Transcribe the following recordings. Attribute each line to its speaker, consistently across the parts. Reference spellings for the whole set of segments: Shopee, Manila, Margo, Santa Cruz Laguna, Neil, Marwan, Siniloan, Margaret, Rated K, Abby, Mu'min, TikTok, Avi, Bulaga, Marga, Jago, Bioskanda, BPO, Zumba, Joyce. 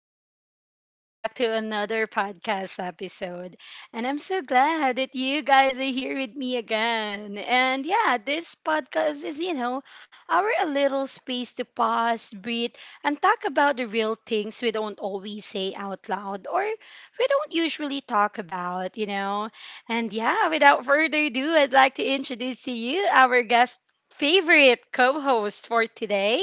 Speaker 1: people, and welcome back to another podcast episode. And I'm so glad that you guys are here with me again. And yeah, this podcast is, you know, our a little space to pause, breathe, and talk about the real things we don't always say out loud or we don't usually talk about, you know. And yeah, without further ado, I'd like to introduce to you our guest favorite co-host for today.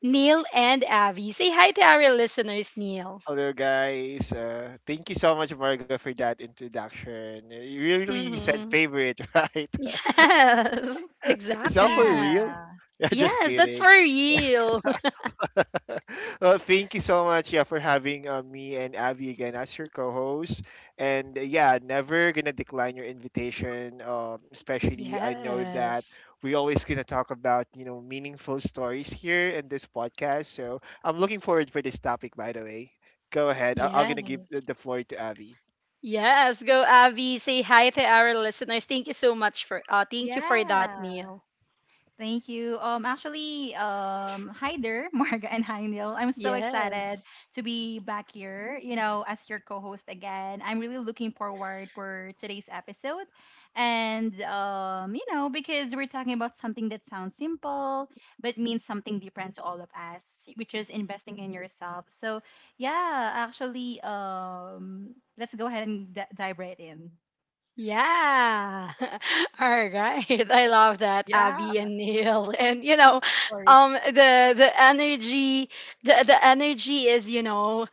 Speaker 1: Neil and Avi. Say hi to our listeners, Neil.
Speaker 2: Hello, guys. Thank you so much, Margo, for that introduction. You really said
Speaker 1: Mm-hmm.
Speaker 2: favorite, right?
Speaker 1: Yes,
Speaker 2: Is that for
Speaker 1: exactly.
Speaker 2: real?
Speaker 3: Yeah.
Speaker 2: Yeah, just
Speaker 1: Yes, that's for
Speaker 2: kidding.
Speaker 1: real.
Speaker 2: Well, thank you so much, yeah, for having me and Abby again as your co-host. And yeah, never gonna decline your invitation. Especially, I know that
Speaker 1: Yes.
Speaker 2: we always gonna talk about meaningful stories here in this podcast. So I'm looking forward for this topic. By the way, go ahead. I'm gonna give
Speaker 1: Yes.
Speaker 2: the floor to Abby.
Speaker 1: Yes, go Avi. Say hi to our listeners. Thank you so much for thank you for that,
Speaker 3: Yeah.
Speaker 1: Neil.
Speaker 3: Thank you. Actually, hi there, Marga, and hi Neil. I'm so excited
Speaker 1: Yes.
Speaker 3: to be back here, you know, as your co-host again. I'm really looking forward for today's episode. And you know, because we're talking about something that sounds simple but means something different to all of us, which is investing in yourself. So, yeah, actually, let's go ahead and dive right in.
Speaker 1: Yeah. All right. I love that,
Speaker 3: Yeah,
Speaker 1: Abby
Speaker 3: of
Speaker 1: and Neil. And you know,
Speaker 3: course.
Speaker 1: the energy the energy is, you know,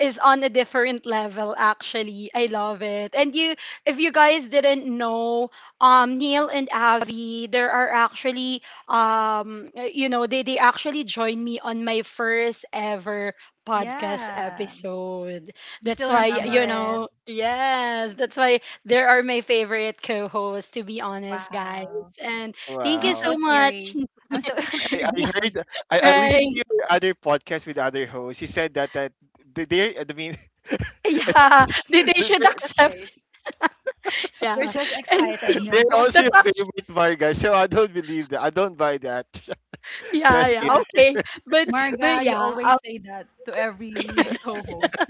Speaker 1: is on a different level actually. I love it. And you if you guys didn't know, Neil and Abby, there are actually you know, they actually joined me on my first ever podcast
Speaker 3: Yeah.
Speaker 1: episode.
Speaker 3: You
Speaker 1: That's
Speaker 3: still
Speaker 1: why,
Speaker 3: remember
Speaker 1: you
Speaker 3: it?
Speaker 2: Wow.
Speaker 1: know, yes, that's why there are my favorite co-hosts, to be honest, guys.
Speaker 3: Wow.
Speaker 1: And thank
Speaker 3: I'm
Speaker 1: you
Speaker 3: so
Speaker 2: Wow.
Speaker 1: so much.
Speaker 3: teary. I'm so
Speaker 2: I, I
Speaker 3: teary-eyed.
Speaker 2: heard I listened to
Speaker 1: Right.
Speaker 2: your other podcast with other hosts. You said that th- they're I mean, it's also,
Speaker 1: Yeah. They
Speaker 2: th-
Speaker 1: should
Speaker 3: That's
Speaker 2: th-
Speaker 1: accept.
Speaker 3: okay. You're
Speaker 1: Yeah.
Speaker 3: just
Speaker 1: And
Speaker 3: excited. No,
Speaker 2: they're
Speaker 3: go
Speaker 2: also
Speaker 1: that's
Speaker 2: your
Speaker 3: ahead.
Speaker 1: act-
Speaker 2: favorite Vargas, so I don't believe that. I don't buy that.
Speaker 1: yeah,
Speaker 2: Just
Speaker 1: yeah,
Speaker 2: kidding.
Speaker 3: Yeah.
Speaker 1: okay. But but
Speaker 3: Marga, you
Speaker 1: yeah,
Speaker 3: always say that to every co-host.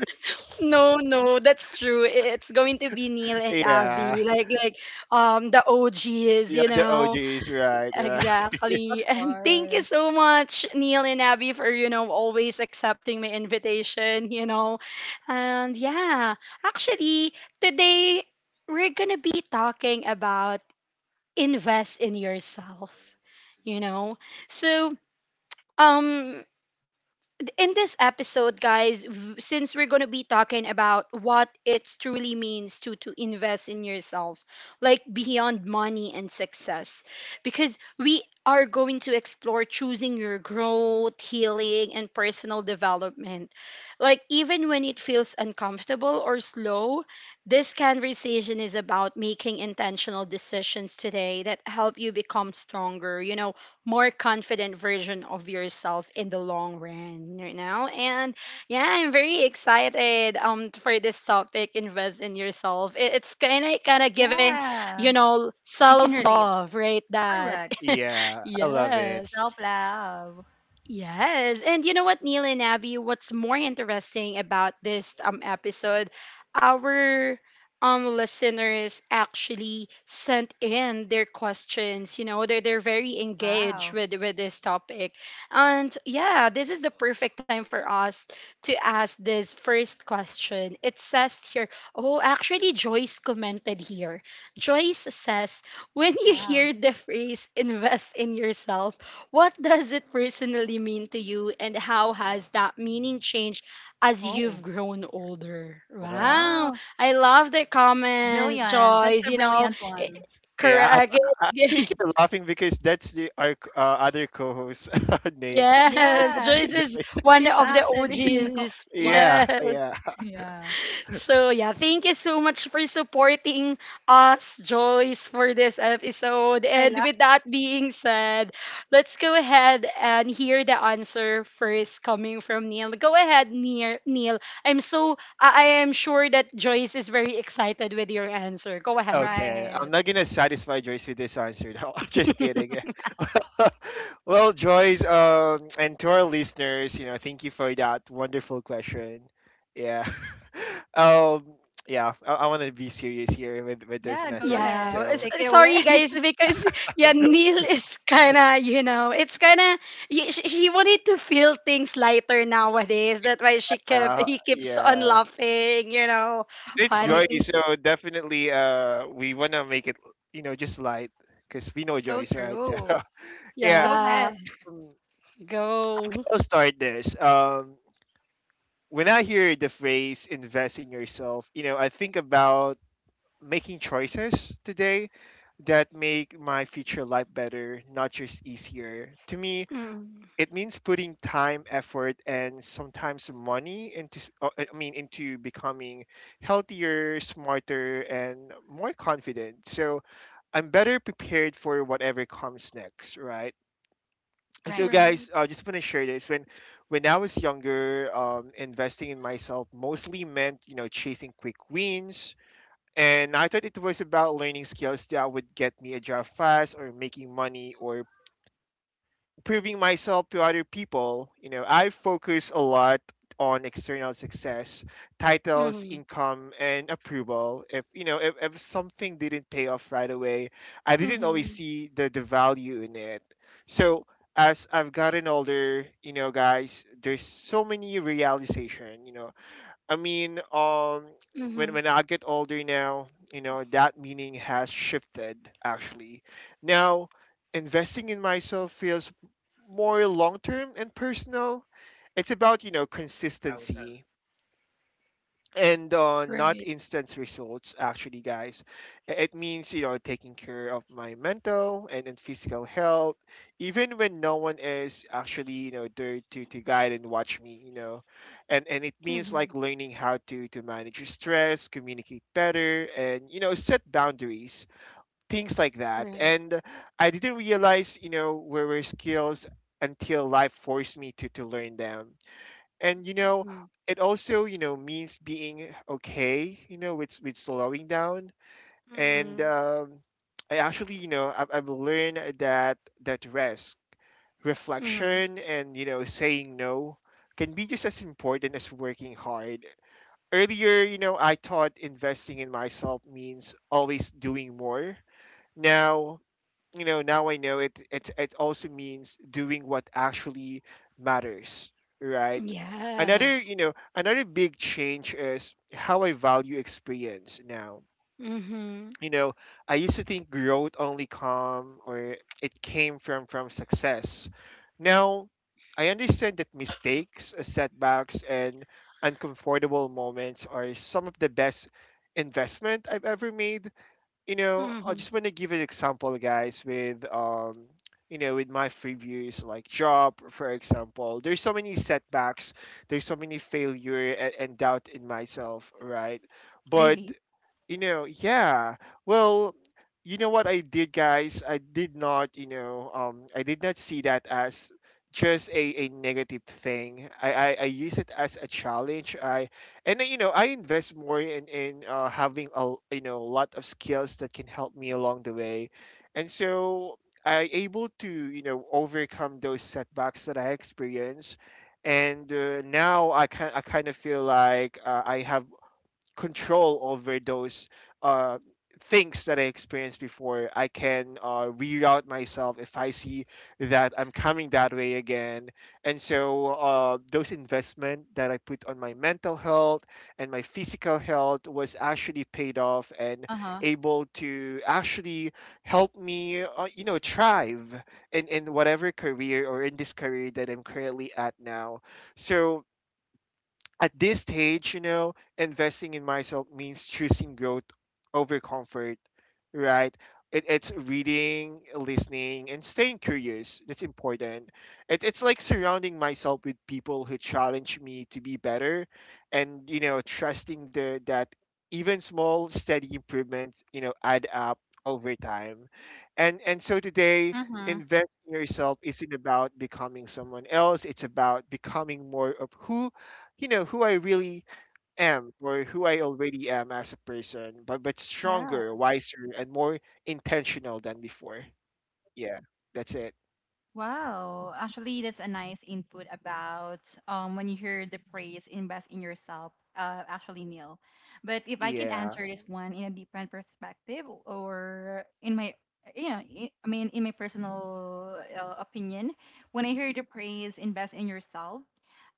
Speaker 1: no, no, that's true. It's going to be Neil and
Speaker 2: Yeah.
Speaker 1: Avi, like the OGs,
Speaker 2: Yeah,
Speaker 1: you
Speaker 2: the
Speaker 1: know.
Speaker 2: OGs, right, right.
Speaker 3: Of
Speaker 1: Exactly. And thank you
Speaker 3: course.
Speaker 1: so much, Neil and Abby, for, you know, always accepting my invitation, you know. And yeah, actually, today we're going to be talking about invest in yourself, you know. So, um, in this episode, guys, since we're going to be talking about what it truly means to invest in yourself, like beyond money and success, because we are going to explore choosing your growth, healing, and personal development. Like even when it feels uncomfortable or slow, this conversation is about making intentional decisions today that help you become stronger. You know, more confident version of yourself in the long run, you know? And yeah, I'm very excited for this topic, invest in yourself. It's kind of giving, you
Speaker 3: Yeah.
Speaker 1: know,
Speaker 3: We can relate.
Speaker 1: self-love, right? That.
Speaker 3: Correct.
Speaker 2: Yeah, I love it.
Speaker 1: yes.
Speaker 3: Self-love.
Speaker 1: Yes. And you know what, Neil and Abby, what's more interesting about this episode, our listeners actually sent in their questions. You know, they're very engaged
Speaker 3: Wow.
Speaker 1: with this topic. And yeah, this is the perfect time for us to ask this first question. It says here, oh, actually Joyce commented here. Joyce says, when you
Speaker 3: Wow.
Speaker 1: hear the phrase invest in yourself, what does it personally mean to you, and how has that meaning changed as you've
Speaker 3: Oh,
Speaker 1: grown older?
Speaker 2: Wow.
Speaker 1: Wow,
Speaker 3: wow.
Speaker 1: I love the comment,
Speaker 3: Brilliant. That's
Speaker 1: Joyce.
Speaker 3: a
Speaker 1: You know,
Speaker 3: brilliant
Speaker 1: eh,
Speaker 3: one.
Speaker 2: Yeah, I,
Speaker 1: correct.
Speaker 2: I I think you're laughing because that's the our c- other co-host name. It's
Speaker 1: Yes,
Speaker 3: Yeah.
Speaker 2: also
Speaker 1: Joyce is
Speaker 2: Joy.
Speaker 1: one
Speaker 3: She's
Speaker 1: of the
Speaker 3: actually
Speaker 1: OGs.
Speaker 3: what?
Speaker 2: Yeah,
Speaker 1: Yes.
Speaker 2: yeah.
Speaker 3: Yeah.
Speaker 1: So yeah, thank you so much for supporting us, Joyce, for this episode.
Speaker 3: I
Speaker 1: And
Speaker 3: love.
Speaker 1: with that being said, let's go ahead and hear the answer first coming from Neil. Go ahead, Neil. Neil, I'm so I am sure that Joyce is very excited with your answer. Go ahead.
Speaker 2: Okay, I'm
Speaker 3: Right.
Speaker 2: not gonna satisfy Joyce with this answer though. Just kidding. Well, Joyce, and to our listeners, thank you for that wonderful question. Yeah, um, yeah, I want to be serious here with this
Speaker 3: Yeah, go
Speaker 2: message.
Speaker 3: ahead.
Speaker 1: Yeah,
Speaker 2: So,
Speaker 3: Take it away.
Speaker 1: sorry guys because yeah, Neil is kind of you know it's kind of she wanted to feel things lighter nowadays. That's why she kept he keeps on
Speaker 2: yeah,
Speaker 1: laughing, you know,
Speaker 3: Of
Speaker 2: it's
Speaker 3: course.
Speaker 1: funny
Speaker 2: Joyce.
Speaker 1: things.
Speaker 2: So definitely, we wanna make it, just light because we know
Speaker 3: So
Speaker 2: Joyce, right?
Speaker 3: true.
Speaker 2: Yeah,
Speaker 3: Go
Speaker 1: Yeah,
Speaker 3: ahead.
Speaker 2: um, okay,
Speaker 1: go.
Speaker 2: I'll start this. When I hear the phrase invest in yourself, I think about making choices today that make my future life better, not just easier. To me,
Speaker 1: Mm,
Speaker 2: it means putting time, effort, and sometimes money I mean, into becoming healthier, smarter, and more confident. So, I'm better prepared for whatever comes next, right? So
Speaker 3: Right.
Speaker 2: guys,
Speaker 1: right.
Speaker 2: I just want to share this. When I was younger, investing in myself mostly meant, chasing quick wins, and I thought it was about learning skills that would get me a job fast, or making money, or proving myself to other people. I focus a lot on external success: titles,
Speaker 1: Mhm.
Speaker 2: income, and approval. If you know, if something didn't pay off right away, I didn't always
Speaker 1: Mhm.
Speaker 2: see the value in it. So as I've gotten older, guys, there's so many realization. I mean, when
Speaker 1: Mhm.
Speaker 2: I get older now, that meaning has shifted, actually. Now, investing in myself feels more long term and personal. It's about, consistency, and not
Speaker 1: Right.
Speaker 2: instant results, actually, guys. It means, taking care of my mental and physical health, even when no one is actually, there to guide and watch me. And it means,
Speaker 1: Mhm.
Speaker 2: like, learning how to manage your stress, communicate better, and, set boundaries, things like that.
Speaker 1: Right.
Speaker 2: And I didn't realize, where were skills, until life forced me to learn them. And,
Speaker 1: Mhm.
Speaker 2: it also, means being okay, with slowing down. And
Speaker 1: Mhm.
Speaker 2: I actually, I've learned that that rest,
Speaker 1: Mhm.
Speaker 2: reflection, and, saying no, can be just as important as working hard. Earlier, I thought investing in myself means always doing more. Now, now I know it also means doing what actually matters, right? another you
Speaker 1: Yes.
Speaker 2: know another big change is how I value experience now.
Speaker 1: Mhm.
Speaker 2: you know I used to think growth only come, or it came from success. Now, I understand that mistakes, setbacks, and uncomfortable moments are some of the best investment I've ever made. I
Speaker 1: Mhm.
Speaker 2: just want to give an example, guys, with my previous, like, job, for example. There's so many setbacks, there's so many failure and doubt in myself, right? But,
Speaker 3: Really?
Speaker 2: you know. Yeah, well, you know what I did, guys? I did not, I did not see that as just a negative thing. I use it as a challenge. I and uh, I invest more in having a, lot of skills that can help me along the way. And so, I able to, overcome those setbacks that I experienced. And now, I kind of feel like, I have control over those, uh, things that I experienced before. I can, reroute myself if I see that I'm coming that way again. And so those investment that I put on my mental health and my physical health was actually paid off, and
Speaker 3: Uh-huh.
Speaker 2: able to actually help me, thrive in whatever career, or in this career that I'm currently at now. So at this stage, investing in myself means choosing growth over comfort, right? It's reading, listening, and staying curious. That's important. It's like surrounding myself with people who challenge me to be better, and, trusting the that even small, steady improvements, add up over time. And so today,
Speaker 3: Mm-hmm.
Speaker 2: investing in yourself isn't about becoming someone else. It's about becoming more of who you know who I really am, or who I already am as a person, but
Speaker 3: Yeah.
Speaker 2: stronger, wiser, and more intentional than before. Yeah, that's it.
Speaker 3: Wow. Actually, that's a nice input about when you hear the phrase invest in yourself, actually Neil. But if I could
Speaker 2: Yeah.
Speaker 3: answer this one in a different perspective or in my, yeah, I mean in my personal opinion, when I hear the phrase invest in yourself,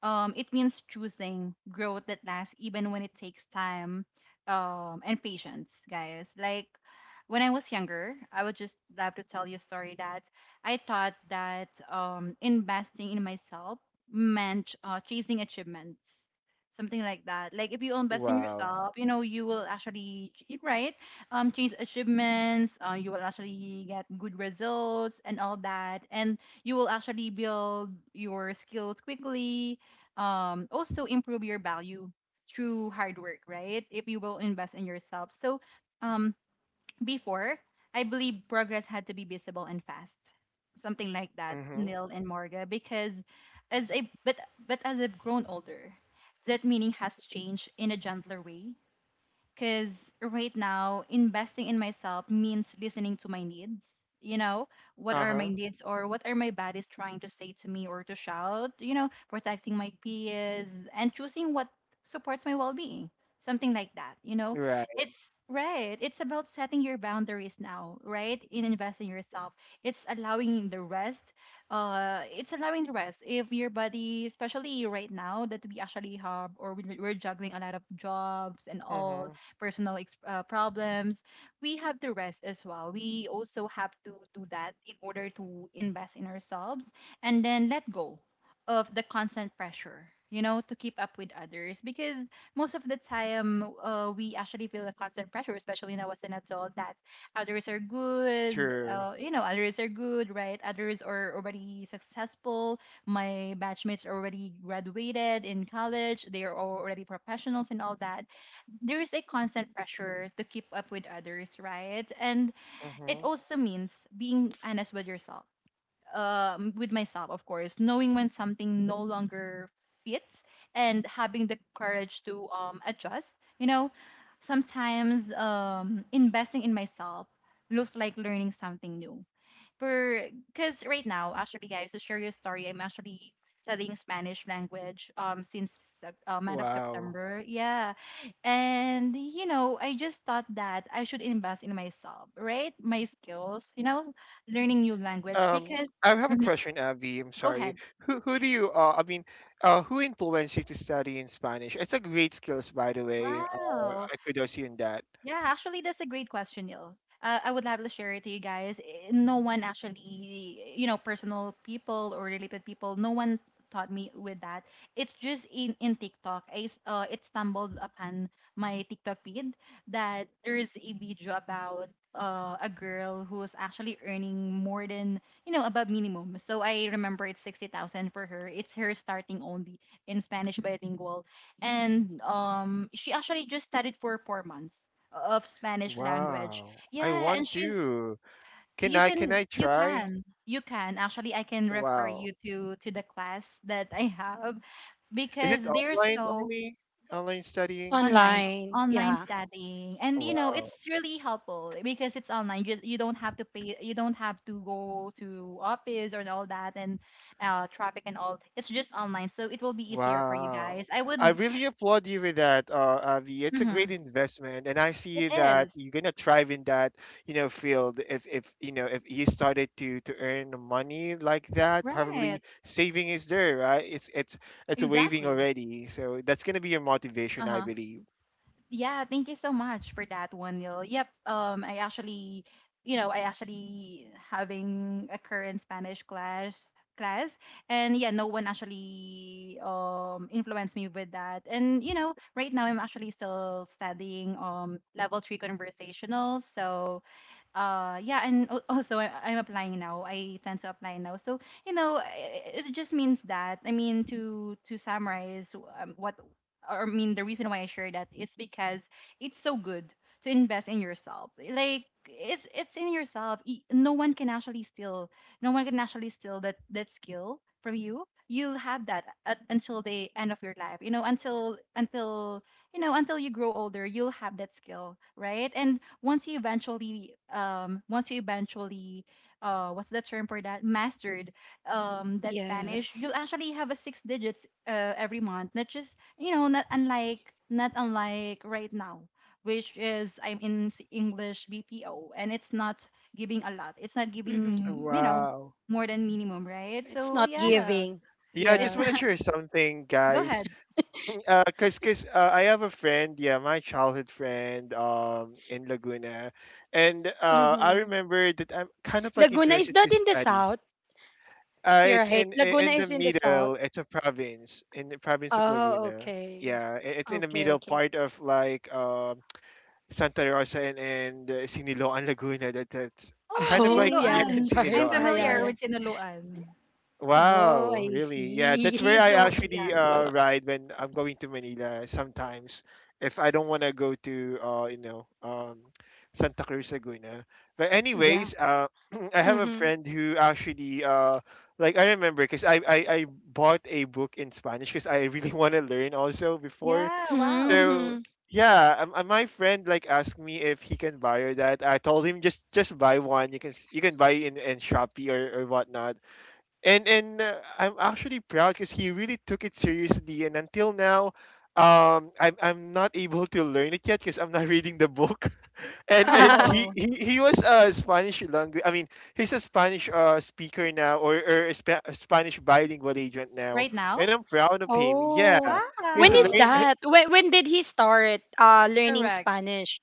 Speaker 3: It means choosing growth that lasts even when it takes time and patience, guys. Like when I was younger, I would just love to tell you a story that I thought that investing in myself meant chasing achievements, something like that. Like if you invest in
Speaker 2: Wow.
Speaker 3: yourself, you know, you will actually, right? Chase achievements, you will actually get good results and all that. And you will actually build your skills quickly, also improve your value through hard work, right? If you will invest in yourself. So, um, before, I believe progress had to be visible and fast, something like that,
Speaker 2: Mhm.
Speaker 3: Nil and Morga, because as a but as I've grown older, that meaning has changed in a gentler way because right now, investing in myself means listening to my needs. You know, what
Speaker 2: Uh
Speaker 3: are my
Speaker 2: huh.
Speaker 3: needs? Or what are my bodies trying to say to me or to shout? You know, protecting my peers and choosing what supports my well being. Something like that. You know,
Speaker 2: Right.
Speaker 3: it's right. It's about setting your boundaries now, right? In investing yourself, it's allowing the rest. It's allowing the rest. If your body, especially right now, that we actually have or we're juggling a lot of jobs and all
Speaker 2: Mhm.
Speaker 3: personal problems, we have to rest as well. We also have to do that in order to invest in ourselves, and then let go of the constant pressure, you know, to keep up with others. Because most of the time, we actually feel the constant pressure, especially now as an adult, that others are good,
Speaker 2: True.
Speaker 3: you know, others are good, right? Others are already successful. My batchmates are already graduated in college, they are already professionals and all that. There's a constant pressure to keep up with others, right? And it
Speaker 2: Mhm.
Speaker 3: also means being honest with yourself, with myself, of course, knowing when something no longer fits, and having the courage to adjust. You know, sometimes investing in myself looks like learning something new. For because right now, actually, guys, to share your story, I'm actually studying Spanish language since month of
Speaker 2: Wow.
Speaker 3: September. Yeah, and you know, I just thought that I should invest in myself, right? My skills, you know, learning new language because...
Speaker 2: I have a
Speaker 3: Mhm.
Speaker 2: question, Avi. I'm
Speaker 3: Go
Speaker 2: sorry.
Speaker 3: ahead.
Speaker 2: Who do you, I mean, who influenced you to study in Spanish? It's a great skills, by the way.
Speaker 3: Wow.
Speaker 2: I kudos see in that.
Speaker 3: Yeah, actually, that's a great question, Neil. I would love to share it to you guys. Eh, no one actually, you know, personal people or related people, no one taught me with that. It's just in TikTok. I, it stumbled upon my TikTok feed, that there's a video about a girl who's actually earning more than, you know, above minimum. So I remember it's 60,000 for her. It's her starting only in Spanish bilingual. And she actually just studied for 4 months of Spanish language.
Speaker 2: Wow. I
Speaker 3: Yeah, and
Speaker 2: want
Speaker 3: she's...
Speaker 2: to. Can
Speaker 3: You
Speaker 2: I can
Speaker 3: can,
Speaker 2: I try?
Speaker 3: actually, I can refer
Speaker 2: Wow.
Speaker 3: you to the class that I have
Speaker 2: Is it
Speaker 3: because they're
Speaker 2: online
Speaker 3: so
Speaker 2: only? Online studying?
Speaker 3: online
Speaker 1: Online.
Speaker 3: online
Speaker 1: Yeah.
Speaker 3: studying, and you know,
Speaker 2: Wow.
Speaker 3: it's really helpful because it's online. Just you don't have to pay, you don't have to go to office or all that, and traffic and all. It's just online, so it will be easier for you
Speaker 2: Wow.
Speaker 3: guys. I would...
Speaker 2: I really applaud you with that, Avi. It's a
Speaker 3: Mhm.
Speaker 2: great investment, and I
Speaker 3: It
Speaker 2: see that
Speaker 3: is.
Speaker 2: you're gonna thrive in that, field. If you started to earn money like that,
Speaker 3: Right.
Speaker 2: probably saving is there, right? It's waving
Speaker 3: Exactly.
Speaker 2: already, so that's gonna be your motivation, I
Speaker 3: Uh-huh.
Speaker 2: believe.
Speaker 3: Yeah, thank you so much for that one, Neil. Yep, I actually, you know, I actually having a current Spanish class. And yeah, no one actually influenced me with that. And you know, right now, I'm actually still studying, level 3 conversational. So, yeah, and also I'm applying now. I tend to apply now, so you know, it just means that, I mean, to summarize, what, or I mean, the reason why I share that is because it's so good to invest in yourself. Like it's in yourself. No one can actually steal, no one can actually steal that skill from you. You'll have that until the end of your life. You know, until you know, until you grow older, you'll have that skill, right? And once you eventually, what's the term for that, mastered that Spanish, you'll
Speaker 1: Yes.
Speaker 3: actually have a six digits every month. Not just, you know, not unlike right now, which is I'm in English BPO, and it's not giving a lot.
Speaker 1: Mm-hmm.
Speaker 3: It's not giving, you know,
Speaker 2: Wow.
Speaker 3: more than
Speaker 1: It's
Speaker 3: minimum,
Speaker 1: not
Speaker 3: right? So
Speaker 1: giving.
Speaker 2: Y-
Speaker 3: yeah,
Speaker 1: Yes.
Speaker 2: Yeah, I
Speaker 3: it's...
Speaker 2: just want to share something,
Speaker 3: Go
Speaker 2: guys.
Speaker 3: ahead.
Speaker 2: Cause, I have a friend, yeah, my childhood friend, in Laguna, and I
Speaker 1: Mm-hmm.
Speaker 2: remember that I'm kind of like
Speaker 1: Laguna is
Speaker 2: interested
Speaker 1: that
Speaker 2: to
Speaker 1: in the
Speaker 2: study.
Speaker 1: south? You're
Speaker 2: It's
Speaker 1: right.
Speaker 2: in,
Speaker 1: Laguna
Speaker 2: in the
Speaker 1: is in the south.
Speaker 2: middle. It's a province in the province of
Speaker 1: Oh,
Speaker 2: Laguna.
Speaker 1: okay.
Speaker 2: Yeah, it's in the
Speaker 1: Okay,
Speaker 2: middle
Speaker 1: okay.
Speaker 2: part of, like, Santa Rosa and Siniloan, Laguna. That's
Speaker 3: Oh,
Speaker 2: kind of
Speaker 1: Oh,
Speaker 2: like near
Speaker 1: yeah,
Speaker 3: Siniloan,
Speaker 2: in
Speaker 1: that's right.
Speaker 3: I'm
Speaker 1: Yeah,
Speaker 2: Siniloan,
Speaker 1: yeah,
Speaker 3: familiar
Speaker 2: right?
Speaker 1: yeah.
Speaker 3: with Siniloan.
Speaker 1: Oh,
Speaker 2: Wow,
Speaker 1: I
Speaker 2: really? Yeah, that's
Speaker 1: see.
Speaker 3: We
Speaker 2: where
Speaker 3: used
Speaker 2: I
Speaker 3: to, yeah.
Speaker 2: actually, ride when I'm going to Manila sometimes. If I don't want to go to, Santa Cruz Laguna. But
Speaker 1: Yeah.
Speaker 2: anyways, I have a
Speaker 1: Mm-hmm.
Speaker 2: friend who actually, like, I remember because I bought a book in Spanish because I really want to learn also before.
Speaker 3: Yeah, wow.
Speaker 2: So
Speaker 1: Mm-hmm.
Speaker 2: yeah, my friend like asked me if he can buy borrow that. I told him, just, buy one. You can buy in Shopee or whatnot, and I'm actually proud because he really took it seriously. And until now, I'm not able to learn it yet because I'm not reading the book. And he,
Speaker 3: Oh,
Speaker 2: he he was a Spanish language. I mean, he's a Spanish, speaker now, or a Spanish bilingual agent now.
Speaker 3: right now?
Speaker 2: And I'm proud of him. Yeah,
Speaker 1: oh. When
Speaker 2: he's a
Speaker 1: is
Speaker 3: Wow.
Speaker 2: lear-
Speaker 1: that? When did he start learning
Speaker 3: Correct.
Speaker 1: Spanish?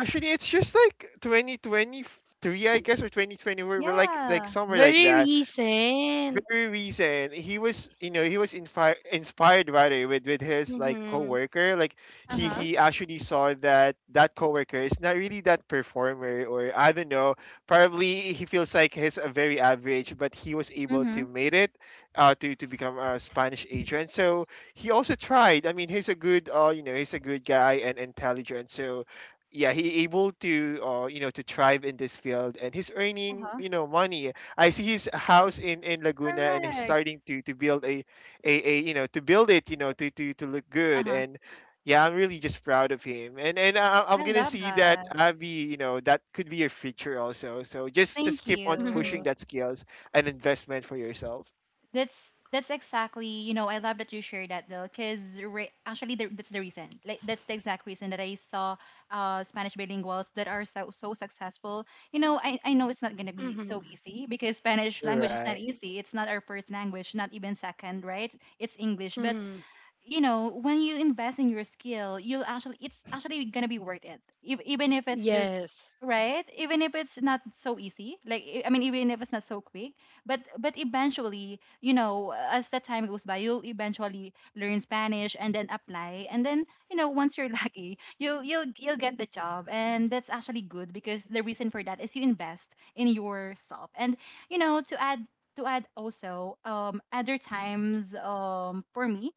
Speaker 2: actually, it's just like 2023, I guess, or 2020. We're like
Speaker 3: Yeah.
Speaker 2: somewhere like
Speaker 1: Very
Speaker 2: that,
Speaker 1: recent.
Speaker 2: very recent. He was, inspired rather with his, like,
Speaker 1: Mm-hmm.
Speaker 2: coworker. Like, he
Speaker 3: Uh-huh.
Speaker 2: he actually saw that that coworker is not really that performer, or I don't know. Probably he feels like he's a very average, but he was able to
Speaker 3: Mm-hmm.
Speaker 2: made it, to become a Spanish agent. So he also tried. I mean, he's a good, you know, he's a good guy and intelligent. So. Yeah, he able to, to thrive in this field, and he's earning,
Speaker 3: Uh-huh.
Speaker 2: money. I see his house in Laguna, and he's
Speaker 3: Correct.
Speaker 2: starting to build a, you know to build it you know to look good,
Speaker 3: Uh-huh.
Speaker 2: and. Yeah, I'm really just proud of him, and I'm
Speaker 3: I
Speaker 2: gonna
Speaker 3: love
Speaker 2: see that,
Speaker 3: that.
Speaker 2: Abby, you know, that could be your future also. So just,
Speaker 3: Thank
Speaker 2: keep on
Speaker 1: Mm-hmm.
Speaker 2: pushing
Speaker 3: you.
Speaker 2: that skills and investment for yourself.
Speaker 3: That's exactly, you know, I love that you shared that though, because actually, that's the reason. Like that's the exact reason that I saw Spanish bilinguals that are so so successful. You know, I know it's not gonna be
Speaker 1: Mm-hmm.
Speaker 3: so easy because Spanish language is not
Speaker 2: Right.
Speaker 3: easy. It's not our first language, not even second, right? It's English, but
Speaker 1: Mm-hmm.
Speaker 3: you know, when you invest in your skill, you'll actually, it's actually gonna be worth it if, even if it's just...
Speaker 1: Yes.
Speaker 3: Right, even if it's not so easy, like I mean, even if it's not so quick, but eventually, you know, as the time goes by, you'll eventually learn Spanish and then apply, and then you know, once you're lucky, you'll get the job. And that's actually good because the reason for that is you invest in yourself. And you know, to add, also, other times, for me,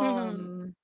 Speaker 1: Mhm.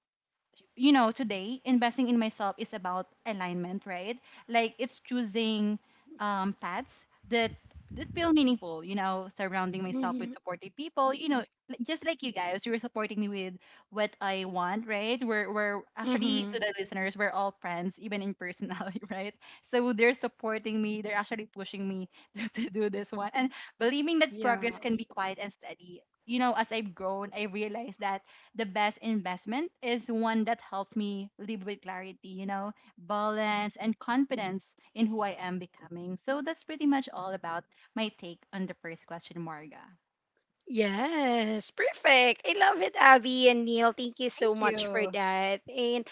Speaker 3: you know, today investing in myself is about alignment, right? Like it's choosing paths that feel meaningful, you know, surrounding myself with
Speaker 1: Mhm.
Speaker 3: supportive people. You know, just like you guys, you're supporting me with what I want, right? We're actually,
Speaker 1: Mhm.
Speaker 3: to the listeners, we're all friends even in personality, right? So they're supporting me, they're actually pushing me to, do this one, and believing that
Speaker 1: Yeah.
Speaker 3: progress can be quiet and steady. You know, as I've grown, I realized that the best investment is one that helps me live with clarity, you know, balance, and confidence in who I am becoming. So that's pretty much all about my take on the first question, Marga.
Speaker 1: Yes, perfect. I love it, Abby and Neil. Thank you
Speaker 3: Thank
Speaker 1: so much for
Speaker 3: you.
Speaker 1: that. And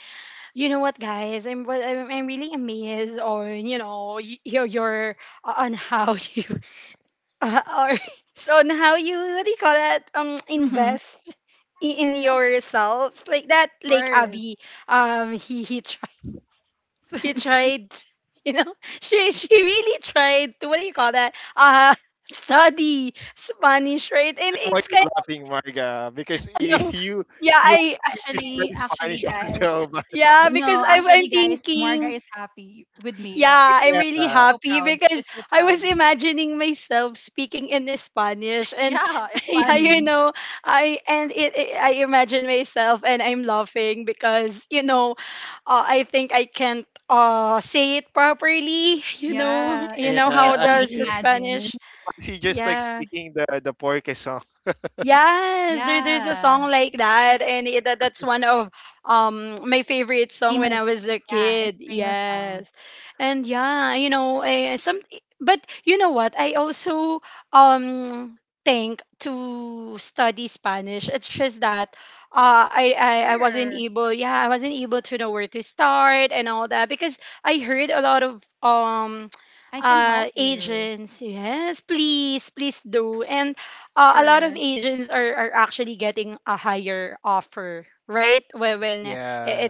Speaker 1: you know what, guys, I'm really amazed on you know your on how you or so on how you what do you call that
Speaker 3: Mm-hmm.
Speaker 1: invest in
Speaker 3: Yeah, of
Speaker 1: yourselves like that. Like
Speaker 3: course.
Speaker 1: Abby, he tried.
Speaker 3: So
Speaker 1: He
Speaker 3: this one-
Speaker 1: tried, you know, she really tried to what do you call that? Study Spanish, right?
Speaker 2: I
Speaker 1: And
Speaker 2: don't know why
Speaker 1: it's kind
Speaker 2: you laughing, Marga? Because
Speaker 1: of
Speaker 2: y-
Speaker 1: no,
Speaker 2: you
Speaker 1: yeah,
Speaker 2: you
Speaker 1: I
Speaker 2: want to
Speaker 3: actually,
Speaker 2: study
Speaker 3: actually,
Speaker 2: Spanish
Speaker 3: guys,
Speaker 2: also, but
Speaker 1: yeah, because
Speaker 3: no,
Speaker 1: I'm
Speaker 3: actually, guys, Marga
Speaker 1: thinking,
Speaker 3: is happy with me, right?
Speaker 1: yeah, I'm
Speaker 2: yeah,
Speaker 1: really
Speaker 3: She's so
Speaker 1: happy
Speaker 3: proud.
Speaker 1: because
Speaker 3: She's so
Speaker 1: I
Speaker 3: proud.
Speaker 1: was imagining myself speaking in Spanish and
Speaker 3: Yeah, it's
Speaker 1: yeah, you
Speaker 3: funny.
Speaker 1: know, I imagine myself and I'm laughing because, you know, I think I can't say it properly.
Speaker 3: Yeah,
Speaker 1: You
Speaker 3: you,
Speaker 2: yeah.
Speaker 1: know
Speaker 3: you can
Speaker 1: how
Speaker 2: And
Speaker 3: only
Speaker 1: does the
Speaker 2: you,
Speaker 3: imagine.
Speaker 2: and you
Speaker 1: Spanish?
Speaker 2: see, just like
Speaker 1: Yeah.
Speaker 2: speaking the Porke.
Speaker 1: Yes, there, there's a
Speaker 3: Yeah.
Speaker 1: song like that, and that's one of my favorite song when I was
Speaker 3: Famous.
Speaker 1: a
Speaker 3: Yeah,
Speaker 1: kid.
Speaker 3: it's famous song.
Speaker 1: Yes, and yeah, you know, but you know what? I also um think to study Spanish. It's just that I wasn't
Speaker 3: Sure.
Speaker 1: able. Yeah, I wasn't able to know where to start and all that because I heard a lot of
Speaker 3: I can help you.
Speaker 1: Agents, yes, please, please do. And a lot of
Speaker 3: Sure.
Speaker 1: agents are actually getting a higher offer, right?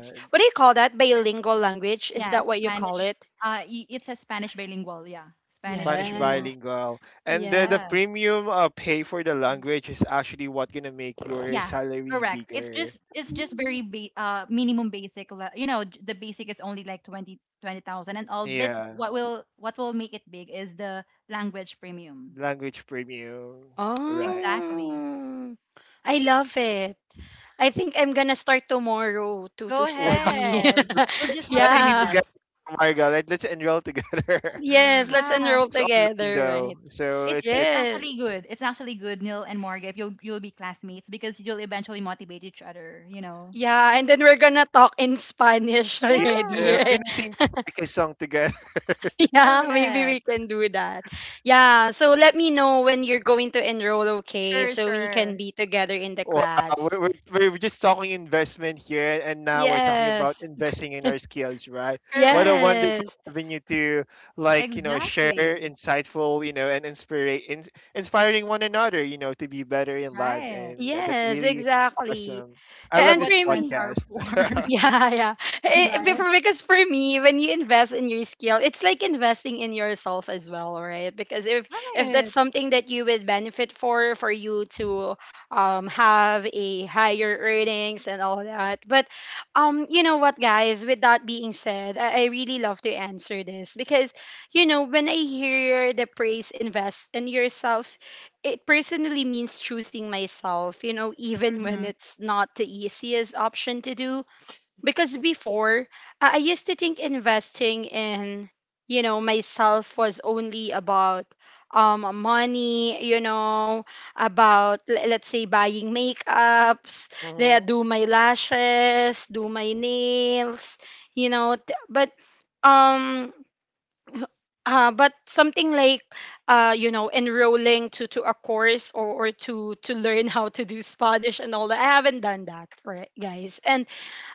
Speaker 1: It's what do you call that? Bilingual language? Is
Speaker 3: Yeah,
Speaker 1: that what you call
Speaker 3: Spanish.
Speaker 1: it?
Speaker 3: It's a Spanish bilingual. Yeah, Spanish
Speaker 2: Spanish
Speaker 3: bilingual.
Speaker 1: Yes.
Speaker 2: bilingual. And the
Speaker 1: Yes.
Speaker 3: Yeah.
Speaker 2: premium, pay for the language is actually what gonna make your
Speaker 3: Yeah.
Speaker 2: salary
Speaker 3: Correct. It's
Speaker 2: bigger.
Speaker 3: just it's just very
Speaker 1: Mm.
Speaker 3: minimum basic. You know, the basic is only like 20 20,000. And all. But
Speaker 2: Yeah,
Speaker 3: what will make it big is the language premium.
Speaker 2: language premium. Right.
Speaker 3: Exactly.
Speaker 1: Oh, I love it. I think I'm gonna start tomorrow to
Speaker 3: Go
Speaker 1: to study.
Speaker 2: Wow.
Speaker 3: ahead. We'll just
Speaker 2: Let's
Speaker 3: have to
Speaker 2: study
Speaker 1: yeah.
Speaker 3: invest.
Speaker 2: together, Margaret. Let's enroll together.
Speaker 1: Yes, let's
Speaker 3: Yeah.
Speaker 1: enroll
Speaker 2: It's online
Speaker 1: together,
Speaker 2: though,
Speaker 1: right?
Speaker 2: so
Speaker 3: It's
Speaker 2: it's
Speaker 3: it's
Speaker 2: it.
Speaker 1: Yes.
Speaker 3: actually good. It's actually good, Neil and Morgan, if you'll be classmates because you'll eventually motivate each other, you know.
Speaker 1: Yeah, and then we're gonna talk in Spanish
Speaker 2: Yeah, and we're
Speaker 1: already,
Speaker 2: gonna
Speaker 3: Yeah.
Speaker 2: sing the podcast song together.
Speaker 1: Yeah, maybe we
Speaker 3: Correct.
Speaker 1: can do that. Yeah, so let me know when you're going to enroll, okay?
Speaker 3: Sure,
Speaker 1: So we can
Speaker 3: sure.
Speaker 1: be together in the
Speaker 2: Wow,
Speaker 1: class.
Speaker 2: we're just talking investment here, and now we're talking about
Speaker 1: Yes.
Speaker 2: investing in our skills, right? What a
Speaker 3: Correct.
Speaker 2: wonderful
Speaker 1: Yes.
Speaker 2: avenue to, share
Speaker 3: Exactly.
Speaker 2: insightful, and inspire, inspiring one another, to be better in life,
Speaker 3: Right.
Speaker 2: and that's
Speaker 1: Yes,
Speaker 2: really
Speaker 1: exactly.
Speaker 2: awesome. I
Speaker 3: That's
Speaker 2: love
Speaker 1: And for
Speaker 3: what
Speaker 2: this
Speaker 3: friends
Speaker 1: me,
Speaker 3: are
Speaker 2: podcast.
Speaker 3: for.
Speaker 1: Yeah, yeah.
Speaker 3: Right?
Speaker 1: Because for me, when you invest in your skill, it's like investing in yourself as well, right? Because if that's
Speaker 3: Right.
Speaker 1: something that you would benefit for you to have a higher earnings and all that. But you know what, guys? With that being said, I really love to answer this because you know when I hear the praise invest in yourself, it personally means choosing myself. You know, even when
Speaker 3: Mm-hmm.
Speaker 1: it's not the easiest option to do because before I used to think investing in you know myself was only about money you know about let's say buying makeups they
Speaker 2: hmm
Speaker 1: do my lashes do my nails you know um but something like you know enrolling to a course or or to learn how to do Spanish and all that I haven't done that right guys and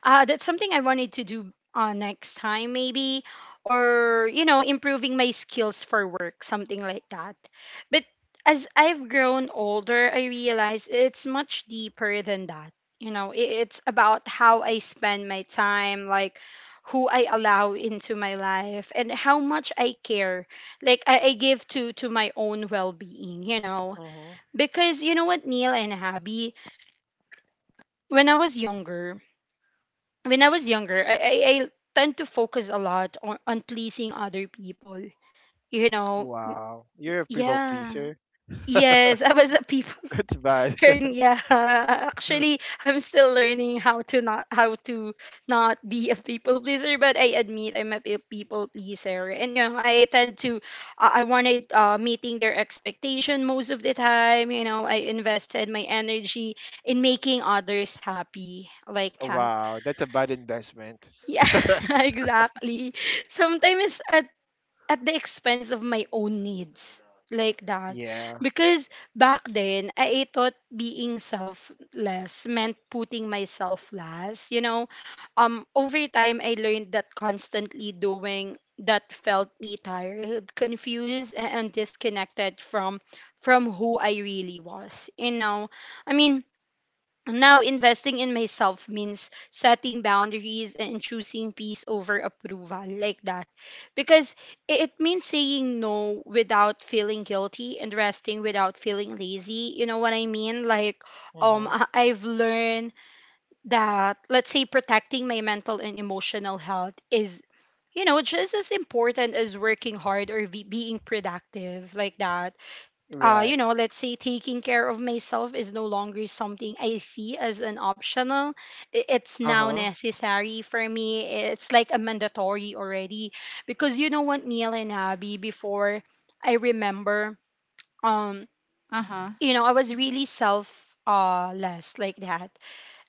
Speaker 1: that's something I wanted to do next time, maybe, or you know, improving my skills for work, something like that. But as I've grown older, I realize it's much deeper than that. You know, it's about how I spend my time, like who I allow into my life, and how much I care, like I give to my own well-being. You know,
Speaker 2: hmm
Speaker 1: because you know what, Neil and Abby, when I was younger when I was younger, I tend to focus a lot on pleasing other people. You know,
Speaker 2: Wow, you're a people
Speaker 1: yeah.
Speaker 2: pleaser.
Speaker 1: Yes, I was a people person.
Speaker 2: That's bad.
Speaker 1: Yeah, actually, I'm still learning how to not be a people pleaser. But I admit I'm a people pleaser, and you know I tend to I wanted meeting their expectation most of the time. You know, I invested my energy in making others happy like that.
Speaker 2: Wow, that's a bad investment.
Speaker 1: Yeah, exactly. Sometimes at the expense of my own needs like that.
Speaker 2: Yeah.
Speaker 1: Because back then, I thought being selfless meant putting myself last, you know. Over time I learned that constantly doing that felt me tired, confused and disconnected from who I really was, you know. I mean, now, investing in myself means setting boundaries and choosing peace over approval, like that. Because it means saying no without feeling guilty and resting without feeling lazy. You know what I mean? Like,
Speaker 2: hmm
Speaker 1: I've learned that, let's say, protecting my mental and emotional health is, you know, just as important as working hard or being productive, like that. You
Speaker 2: Right.
Speaker 1: know, let's say taking care of myself is no longer something I see as an optional. It's
Speaker 2: Uh
Speaker 1: now
Speaker 2: huh.
Speaker 1: necessary for me. It's like a mandatory already. Because you know what, Neil and Abby, before I remember, um,
Speaker 3: Uh-huh.
Speaker 1: you know, I was really self less like that.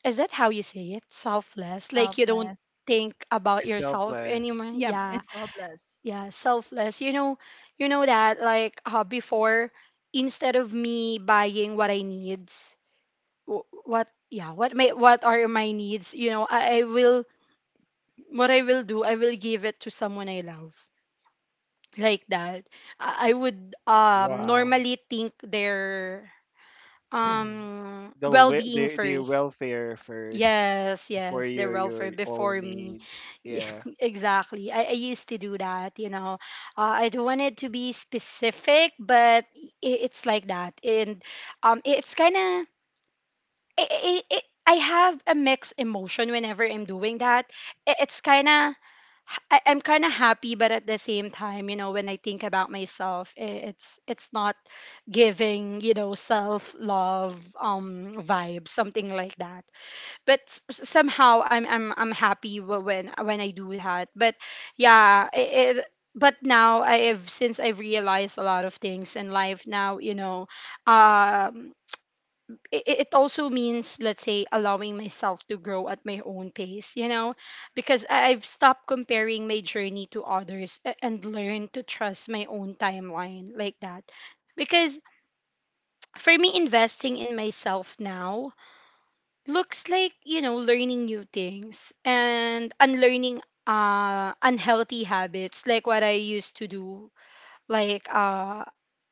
Speaker 1: Is that how you say it? Selfless. Like you don't
Speaker 3: Selfless.
Speaker 1: think about
Speaker 2: It's
Speaker 1: yourself
Speaker 2: selfless.
Speaker 1: anymore.
Speaker 3: Yep,
Speaker 1: Yeah.
Speaker 3: it's selfless.
Speaker 1: Yeah, selfless. You know that like before, instead of me buying what I needs, what are my needs? You know, I will what I will do, I will give it to someone I love like that. I would
Speaker 2: Wow.
Speaker 1: normally think their
Speaker 2: the, we-
Speaker 1: well-being
Speaker 2: the
Speaker 1: first.
Speaker 2: welfare first
Speaker 1: Yes,
Speaker 2: before
Speaker 1: yes, the
Speaker 2: your
Speaker 1: rover
Speaker 2: your
Speaker 1: before
Speaker 2: own
Speaker 1: me.
Speaker 2: needs.
Speaker 1: Yeah,
Speaker 2: Yeah.
Speaker 1: exactly. I used to do that. I don't want it to be specific, but I it's like that. And it's kind of, i i i I have a mixed emotion whenever I'm doing that. It's kind of, I'm kind of happy, but at the same time, you know, when I think about myself, it's not giving, you know, self love vibe, something like that, but somehow I'm happy when I do that. But yeah, it but now I've since I've realized a lot of things in life now, you know, um it, it also means, let's say, allowing myself to grow at my own pace, you know, because I've stopped comparing my journey to others and learned to trust my own timeline, like that. Because for me, investing in myself now looks like, you know, learning new things and unlearning unhealthy habits, like what I used to do, like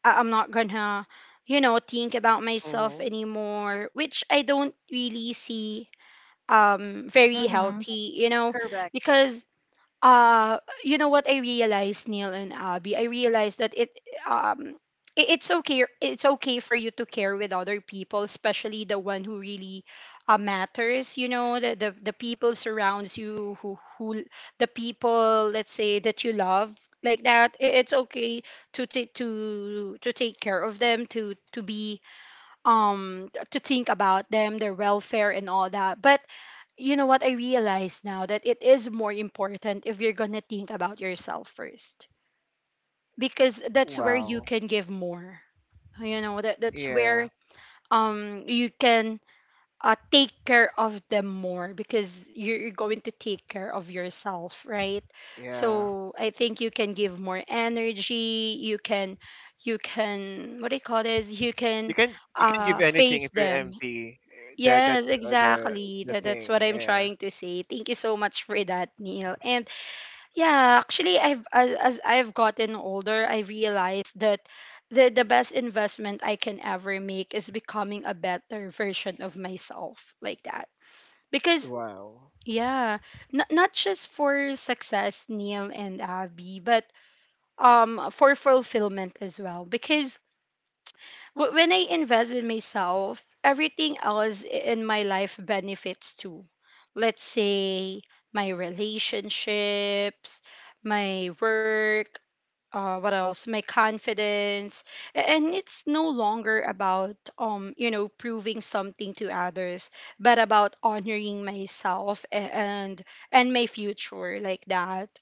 Speaker 1: I'm not gonna, you know, think about
Speaker 2: hmm
Speaker 1: myself anymore, which I don't really see very
Speaker 3: Mm-hmm.
Speaker 1: healthy, you know.
Speaker 3: Correct.
Speaker 1: Because uh you know what I realized, Neil and Abby? I realized that it um it's okay, it's okay for you to care with other people, especially the one who really matters, you know, the people surrounds you who the people, let's say, that you love, like that. It's okay to take, to take care of them, to be to think about them, their welfare and all that. But you know what I realize now, that it is more important if you're gonna think about yourself first, because that's where you
Speaker 2: Wow.
Speaker 1: can give more. You know, that that's
Speaker 2: Yeah.
Speaker 1: where you can take care of them more, because you're going to take care of yourself, right?
Speaker 2: Yeah.
Speaker 1: So I think you can give more energy, you can, you can, what do you call this, you
Speaker 2: You
Speaker 1: can
Speaker 2: can give anything
Speaker 1: face
Speaker 2: if you're
Speaker 1: them.
Speaker 2: empty. That
Speaker 1: Yes,
Speaker 2: that's uh, the
Speaker 1: exactly.
Speaker 2: the
Speaker 1: That's what
Speaker 2: thing.
Speaker 1: I'm
Speaker 2: Yeah.
Speaker 1: trying to say. Thank you so much for that, Neil. And yeah, actually, as I've gotten older, I realized that the best investment I can ever make is becoming a better version of myself, like that. Because
Speaker 2: Wow.
Speaker 1: yeah, not just for success, Neil and Abby, but for fulfillment as well. Because when I invest in myself, everything else in my life benefits too. Let's say my relationships, my work, what else? My confidence. And it's no longer about, you know, proving something to others, but about honoring myself and my future, like that.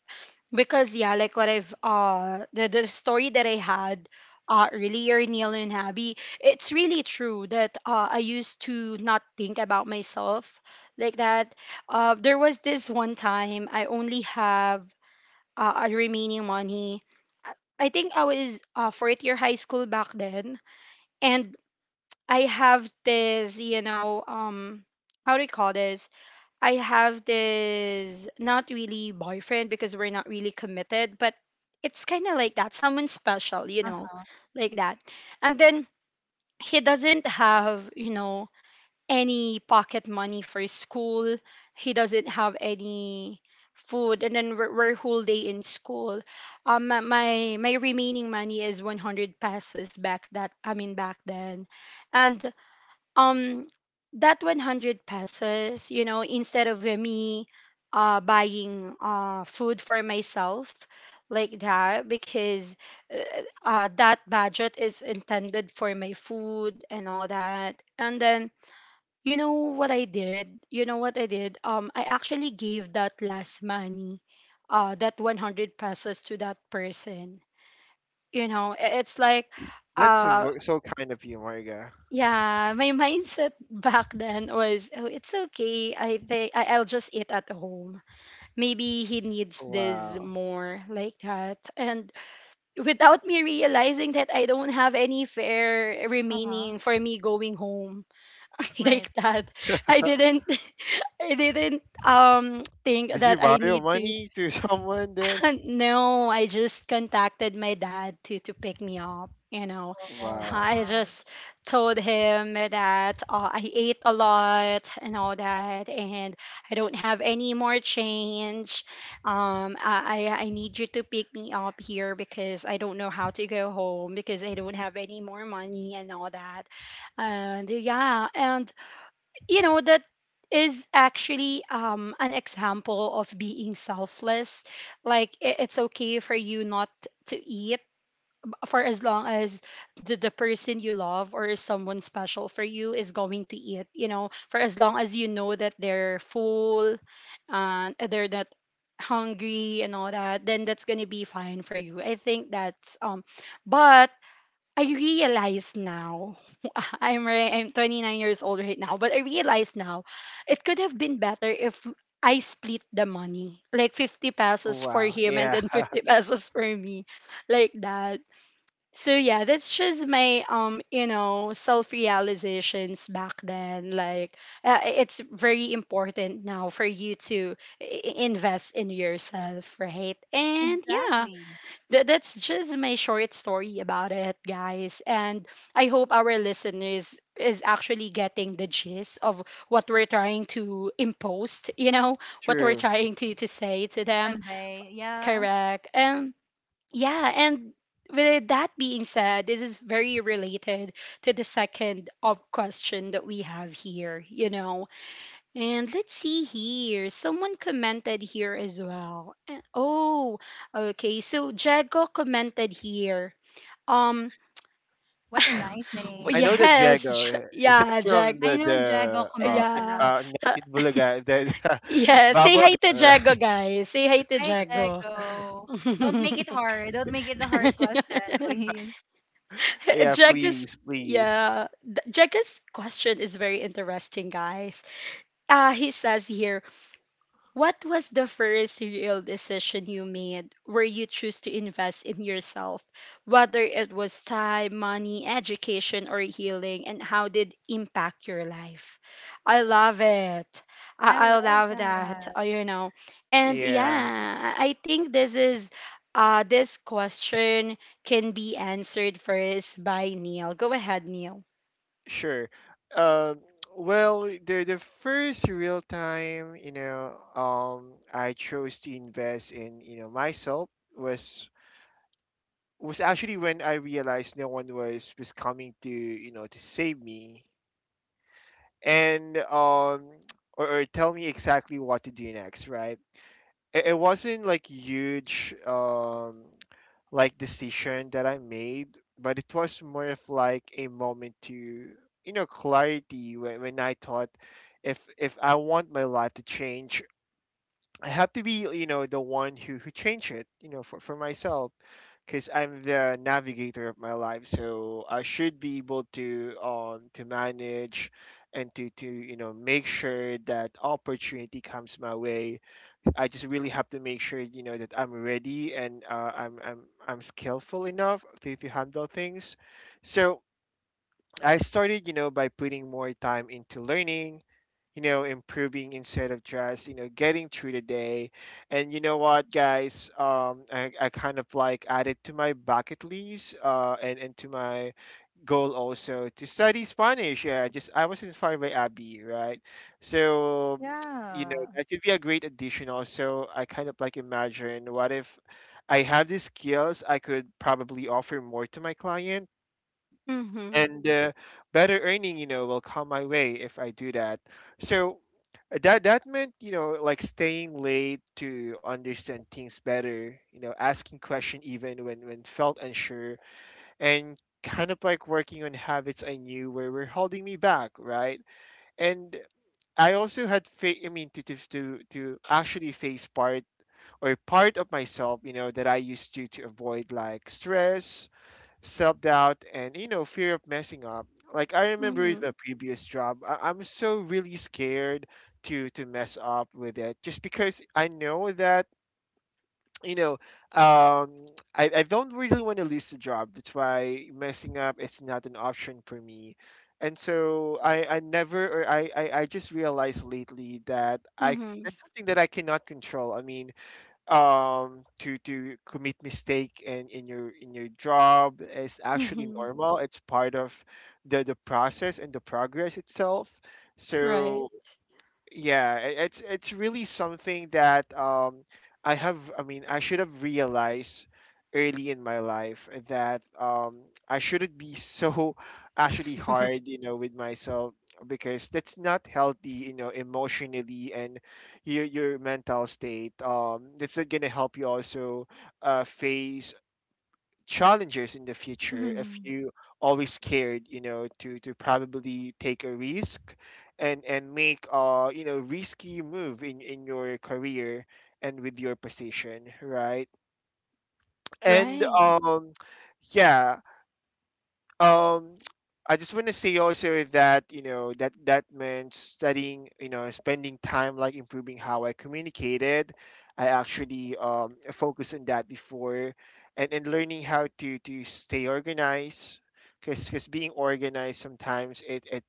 Speaker 1: Because yeah, like what I've the story that I had earlier, Neil and Abby, it's really true that I used to not think about myself, like that. There was this one time I only have a remaining money. I I think I was fourth year high school back then, and I have this, you know, how do you call this? I have this, not really boyfriend, because we're not really committed, but it's kind of like that, someone special, you know,
Speaker 3: Uh-huh.
Speaker 1: like that. And then he doesn't have, you know, any pocket money for school. He doesn't have any food, and then we're, whole day in school. My remaining money is 100 pesos back that I mean back then. And um that 100 pesos, you know, instead of me buying food for myself, like that, because that budget is intended for my food and all that. And then you know what I did, you know what I did, I actually gave that last money, that 100 pesos to that person. You know, it's like
Speaker 2: That's a
Speaker 1: uh.
Speaker 2: ver- so kind of you, Marga.
Speaker 1: Yeah, my mindset back then was, oh, it's okay. I think I'll just eat at home. Maybe he needs this
Speaker 2: Wow.
Speaker 1: more, like that. And without me realizing that I don't have any fare
Speaker 3: Uh-huh.
Speaker 1: remaining for me going home,
Speaker 3: Right.
Speaker 1: like that, I didn't I didn't think
Speaker 2: Did
Speaker 1: that
Speaker 2: you
Speaker 1: I
Speaker 2: borrow
Speaker 1: need to
Speaker 2: money to someone then?
Speaker 1: no, I just contacted my dad to pick me up. You know,
Speaker 3: Oh
Speaker 2: Wow.
Speaker 1: I
Speaker 3: wow.
Speaker 1: just told him that I ate a lot and all that, and I don't have any more change. I need you to pick me up here, because I don't know how to go home, because I don't have any more money and all that. And yeah, and you know that is actually, an example of being selfless. Like it's okay for you not to eat, for as long as the person you love or someone special for you is going to eat. You know, for as long as you know that they're full and they're not hungry and all that, then that's gonna be fine for you. I think that's but I realize now, I'm 29 years old right now, but I realize now, it could have been better if I split the money, like 50 pesos for
Speaker 2: Wow.
Speaker 1: him
Speaker 2: Yeah.
Speaker 1: and then 50 pesos for me, like that. So yeah, that's just my, you know, self realizations back then. Like it's very important now for you to invest in yourself, right? And yeah,
Speaker 3: Exactly.
Speaker 1: that's just my short story about it, guys. And I hope our listeners is actually getting the gist of what we're trying to impose, you know, what we're
Speaker 2: True.
Speaker 1: trying to, say to
Speaker 3: To
Speaker 1: them.
Speaker 3: convey, yeah.
Speaker 1: Correct. And yeah, and with that being said, this is very related to the second of question that we have here, you know, and let's see here. Someone commented here as well. Eh, oh, okay. So Jago commented here. Um,
Speaker 3: What a nice
Speaker 1: well,
Speaker 2: I know
Speaker 3: name.
Speaker 2: that
Speaker 1: yes,
Speaker 2: Jago. Is that
Speaker 1: yeah, Jag,
Speaker 2: from
Speaker 3: I know Jago
Speaker 2: the
Speaker 3: comments a
Speaker 2: it
Speaker 1: yeah,
Speaker 3: lot.
Speaker 2: not
Speaker 1: Ha-
Speaker 2: It Bulaga, the
Speaker 1: yeah. Say
Speaker 2: bubble,
Speaker 1: hi to Jago,
Speaker 2: right?
Speaker 1: guys. Say hi to
Speaker 3: Hi,
Speaker 1: Jago.
Speaker 3: Jago. Don't make it hard. Don't make it a hard question, please.
Speaker 2: Yeah, please,
Speaker 1: Jago's
Speaker 2: please.
Speaker 1: yeah, Jago's question is very interesting, guys. He says here, what was the first real decision you made where you choose to invest in yourself, whether it was time, money, education, or healing, and how did it impact your life? I love it.
Speaker 3: I
Speaker 1: I
Speaker 3: love
Speaker 1: love that.
Speaker 3: that.
Speaker 1: Uh, you know, and
Speaker 2: Yeah,
Speaker 1: yeah, I think this is this question can be answered first by Neil. Go ahead, Neil.
Speaker 2: sure. Um well, the first real time, I chose to invest in, myself was was actually when I realized no one was coming to, to save me. And or tell me exactly what to do next, right? It wasn't like huge like decision that I made, but it was more of like a moment to, you know, clarity when I thought if I want my life to change, I have to be, you know, the one who change it, you know, for myself, because I'm the navigator of my life, so I should be able to manage and to you know, make sure that opportunity comes my way. I just really have to make sure, you know, that I'm ready and I'm skillful enough to handle things. So I started, you know, by putting more time into learning, you know, improving instead of just, you know, getting through the day. And you know what, guys, I kind of like added to my bucket list and to my goal also to study Spanish. Yeah, just I was inspired by Abby, right? So, you know,
Speaker 3: Yeah,
Speaker 2: that could be a great addition. Also, I kind of like imagine, what if I have these skills, I could probably offer more to my client,
Speaker 1: Mm-hmm.
Speaker 2: and better earning, you know, will come my way if I do that. So that meant, you know, like staying late to understand things better, you know, asking question even when felt unsure, and kind of like working on habits I knew where were holding me back, right? And I also had, I mean, to, to actually face part or part of myself, you know, that I used to avoid, like stress, self doubt, and, you know, fear of messing up. Like I remember in
Speaker 1: Mm-hmm.
Speaker 2: the previous job, I'm so really scared to mess up with it, just because I know that, you know, um, I don't really want to lose the job. That's why messing up is not an option for me. And so I never, or I just realized lately that I,
Speaker 1: Mm-hmm.
Speaker 2: that's something that I cannot control. I mean, to commit mistake in, in your job is actually
Speaker 1: Mm-hmm.
Speaker 2: normal. It's part of the process and the progress itself.
Speaker 1: Right.
Speaker 2: So yeah, it's really something that I have, I mean, I should have realized early in my life that I shouldn't be so actually hard, you know, with myself, because that's not healthy, you know, emotionally, and your mental state, that's not gonna help you also face challenges in the future if
Speaker 1: Mm-hmm.
Speaker 2: you always scared, you know, to probably take a risk and make a, you know, risky move in your career and with your position, right? And
Speaker 1: Right.
Speaker 2: yeah. um I just want to say also that, you know, that meant studying, you know, spending time like improving how I communicated. I actually focused on that before, and learning how to stay organized, because being organized sometimes it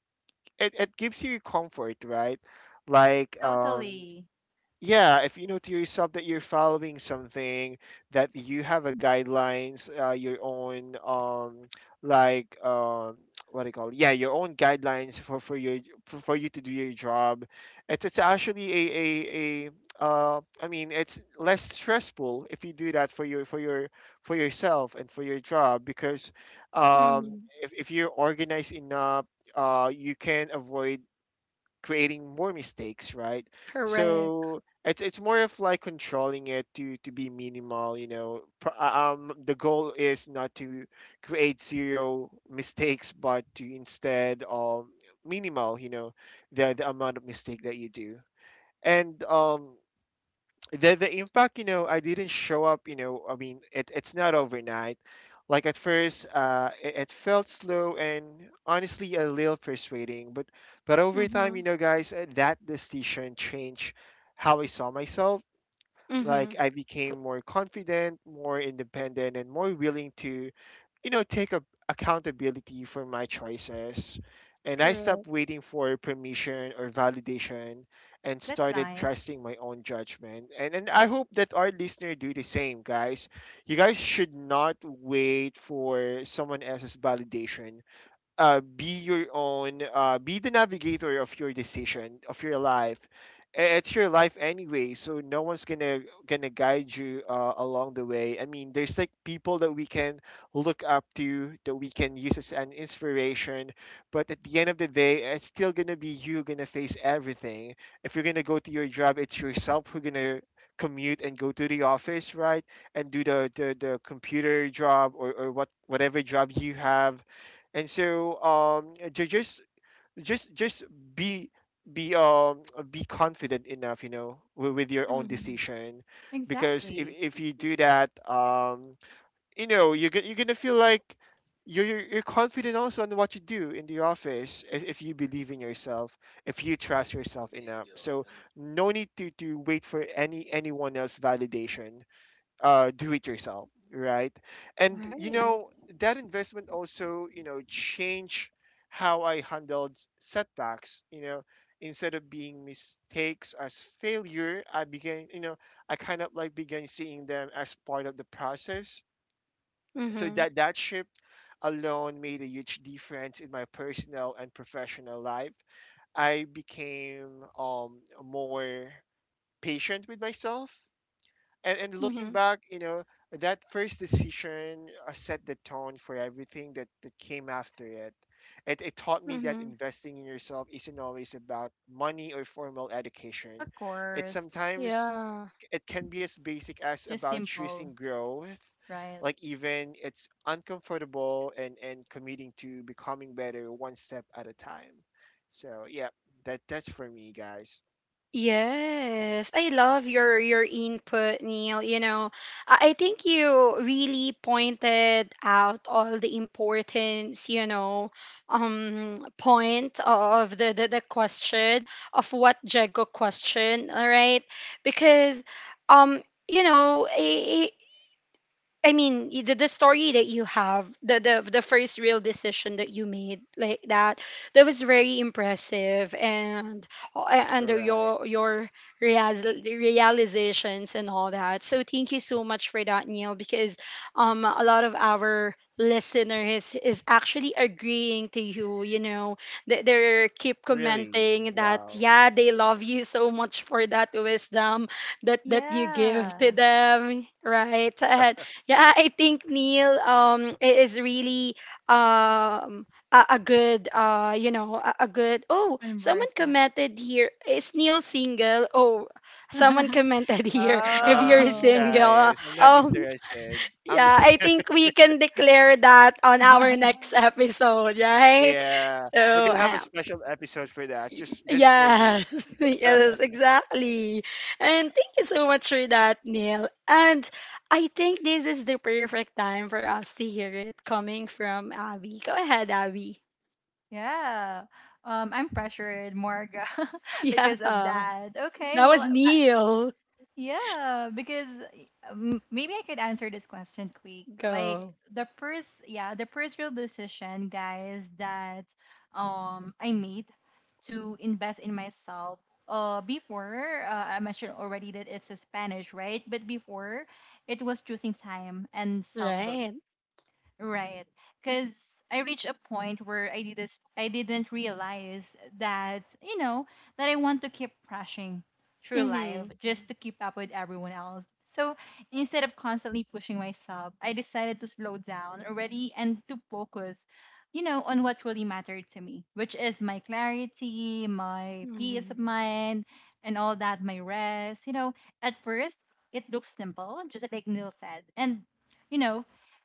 Speaker 2: it, it gives you comfort, right? Like,
Speaker 3: totally.
Speaker 2: yeah, if you know to yourself that you're following something, that you have a guidelines, your own like, what do you call it? Yeah, your own guidelines for for you to do your job. It's actually a I mean, it's less stressful if you do that for your for your for yourself and for your job, because um
Speaker 1: Mm-hmm.
Speaker 2: if you're organized enough, you can avoid creating more mistakes, right?
Speaker 1: Correct.
Speaker 2: So it's more of like controlling it to be minimal. You know, the goal is not to create zero mistakes, but to instead minimal. You know, the amount of mistake that you do, and the impact, you know, I didn't show up, you know, I mean, it, it's not overnight. Like at first it, it felt slow and honestly a little frustrating, but over time,
Speaker 1: Mm-hmm.
Speaker 2: you know, guys, that decision changed how I saw myself. Like
Speaker 1: Mm-hmm.
Speaker 2: I became more confident, more independent, and more willing to, you know, take a, accountability for my choices. And I stopped
Speaker 1: Correct.
Speaker 2: waiting for permission or validation and
Speaker 3: That's
Speaker 2: started
Speaker 3: nice.
Speaker 2: trusting my own judgment. And I hope that our listener do the same, guys. You guys should not wait for someone else's validation. Be your own, be the navigator of your decision of your life. It's your life anyway, so no one's gonna guide you along the way. I mean, there's like people that we can look up to, that we can use as an inspiration, but at the end of the day, it's still gonna be you gonna face everything. If you're gonna go to your job, it's yourself who's gonna commute and go to the office, right? And do the computer job or what whatever job you have. And so ju- just be be um be confident enough, you know, with your own
Speaker 1: Mm-hmm.
Speaker 2: decision, because
Speaker 3: Exactly.
Speaker 2: if you do that, you know, you're gonna feel like you're confident also on what you do in the office, if you believe in yourself, if you trust yourself enough. So no need to wait for anyone else validation. Do it yourself, right? And you
Speaker 1: Right.
Speaker 2: know that investment also, you know, changed how I handled setbacks. You know, instead of being mistakes as failure, I began, you know, I kind of like began seeing them as part of the process. So
Speaker 1: Mm-hmm.
Speaker 2: that that shift alone made a huge difference in my personal and professional life. I became more patient with myself, and looking
Speaker 1: Mm-hmm.
Speaker 2: back, you know, that first decision set the tone for everything that, that came after it. It taught me that
Speaker 1: Mm-hmm.
Speaker 2: investing in yourself isn't always about money or formal education.
Speaker 3: Of
Speaker 2: It
Speaker 3: course.
Speaker 2: sometimes
Speaker 1: Yeah.
Speaker 2: it can be as basic as
Speaker 3: Just
Speaker 2: about choosing
Speaker 3: simple,
Speaker 2: growth,
Speaker 3: right?
Speaker 2: like even it's uncomfortable, and committing to becoming better one step at a time. So yeah, that that's for me, guys.
Speaker 1: Yes, I love your input, Neil. You know, I think you really pointed out all the importance, you know, point of the question of what Jago question, all right? Because, you know, I mean, the story that you have, the first real decision that you made, like that, that was very impressive. And
Speaker 2: All
Speaker 1: and
Speaker 2: right,
Speaker 1: your real, realizations and all that. So thank you so much for that, Neil, because a lot of our listeners is actually agreeing to you. You know, they keep
Speaker 2: really,
Speaker 1: commenting that
Speaker 2: wow.
Speaker 1: yeah, they love you so much for that wisdom that that you give to
Speaker 3: Yeah.
Speaker 1: them, right? And. Yeah, I think Neil is really um a good you know, a good, oh, someone
Speaker 3: Conversant.
Speaker 1: commented here, is Neil single? Oh, someone commented here, if
Speaker 2: Uh
Speaker 1: you're
Speaker 3: Oh.
Speaker 2: Guys,
Speaker 1: single,
Speaker 2: I'm not interested. I'm
Speaker 1: yeah,
Speaker 2: just
Speaker 1: I
Speaker 2: kidding.
Speaker 1: think we can declare that on our next episode, right?
Speaker 2: Yeah. We're
Speaker 1: So
Speaker 2: gonna have a special episode for that, just for me.
Speaker 1: Yes, yes, exactly. And thank you so much for that, Neil. And I think this is the perfect time for us to hear it coming from Abby. Go ahead, Abby.
Speaker 3: Yeah. I'm pressured, Morga,
Speaker 1: Yeah,
Speaker 3: because of that.
Speaker 1: that
Speaker 3: Okay,
Speaker 1: was
Speaker 3: well,
Speaker 1: Neil.
Speaker 3: Yeah, because maybe I could answer this question quick. Like
Speaker 1: Go.
Speaker 3: the first real decision, guys, that I made to invest in myself. Before I mentioned already that it's a Spanish, right? But before, it was choosing time and self belief.
Speaker 1: Right.
Speaker 3: Right. Cuz I reached a point where I didn't realize that, you know, that I want to keep rushing through life
Speaker 1: Mm-hmm.
Speaker 3: just to keep up with everyone else. So instead of constantly pushing myself, I decided to slow down already and to focus, you know, on what really mattered to me, which is my clarity, my peace
Speaker 1: Mm-hmm.
Speaker 3: of mind, and all that, my rest. You know, at first it looks simple, just like Neil said. And you know,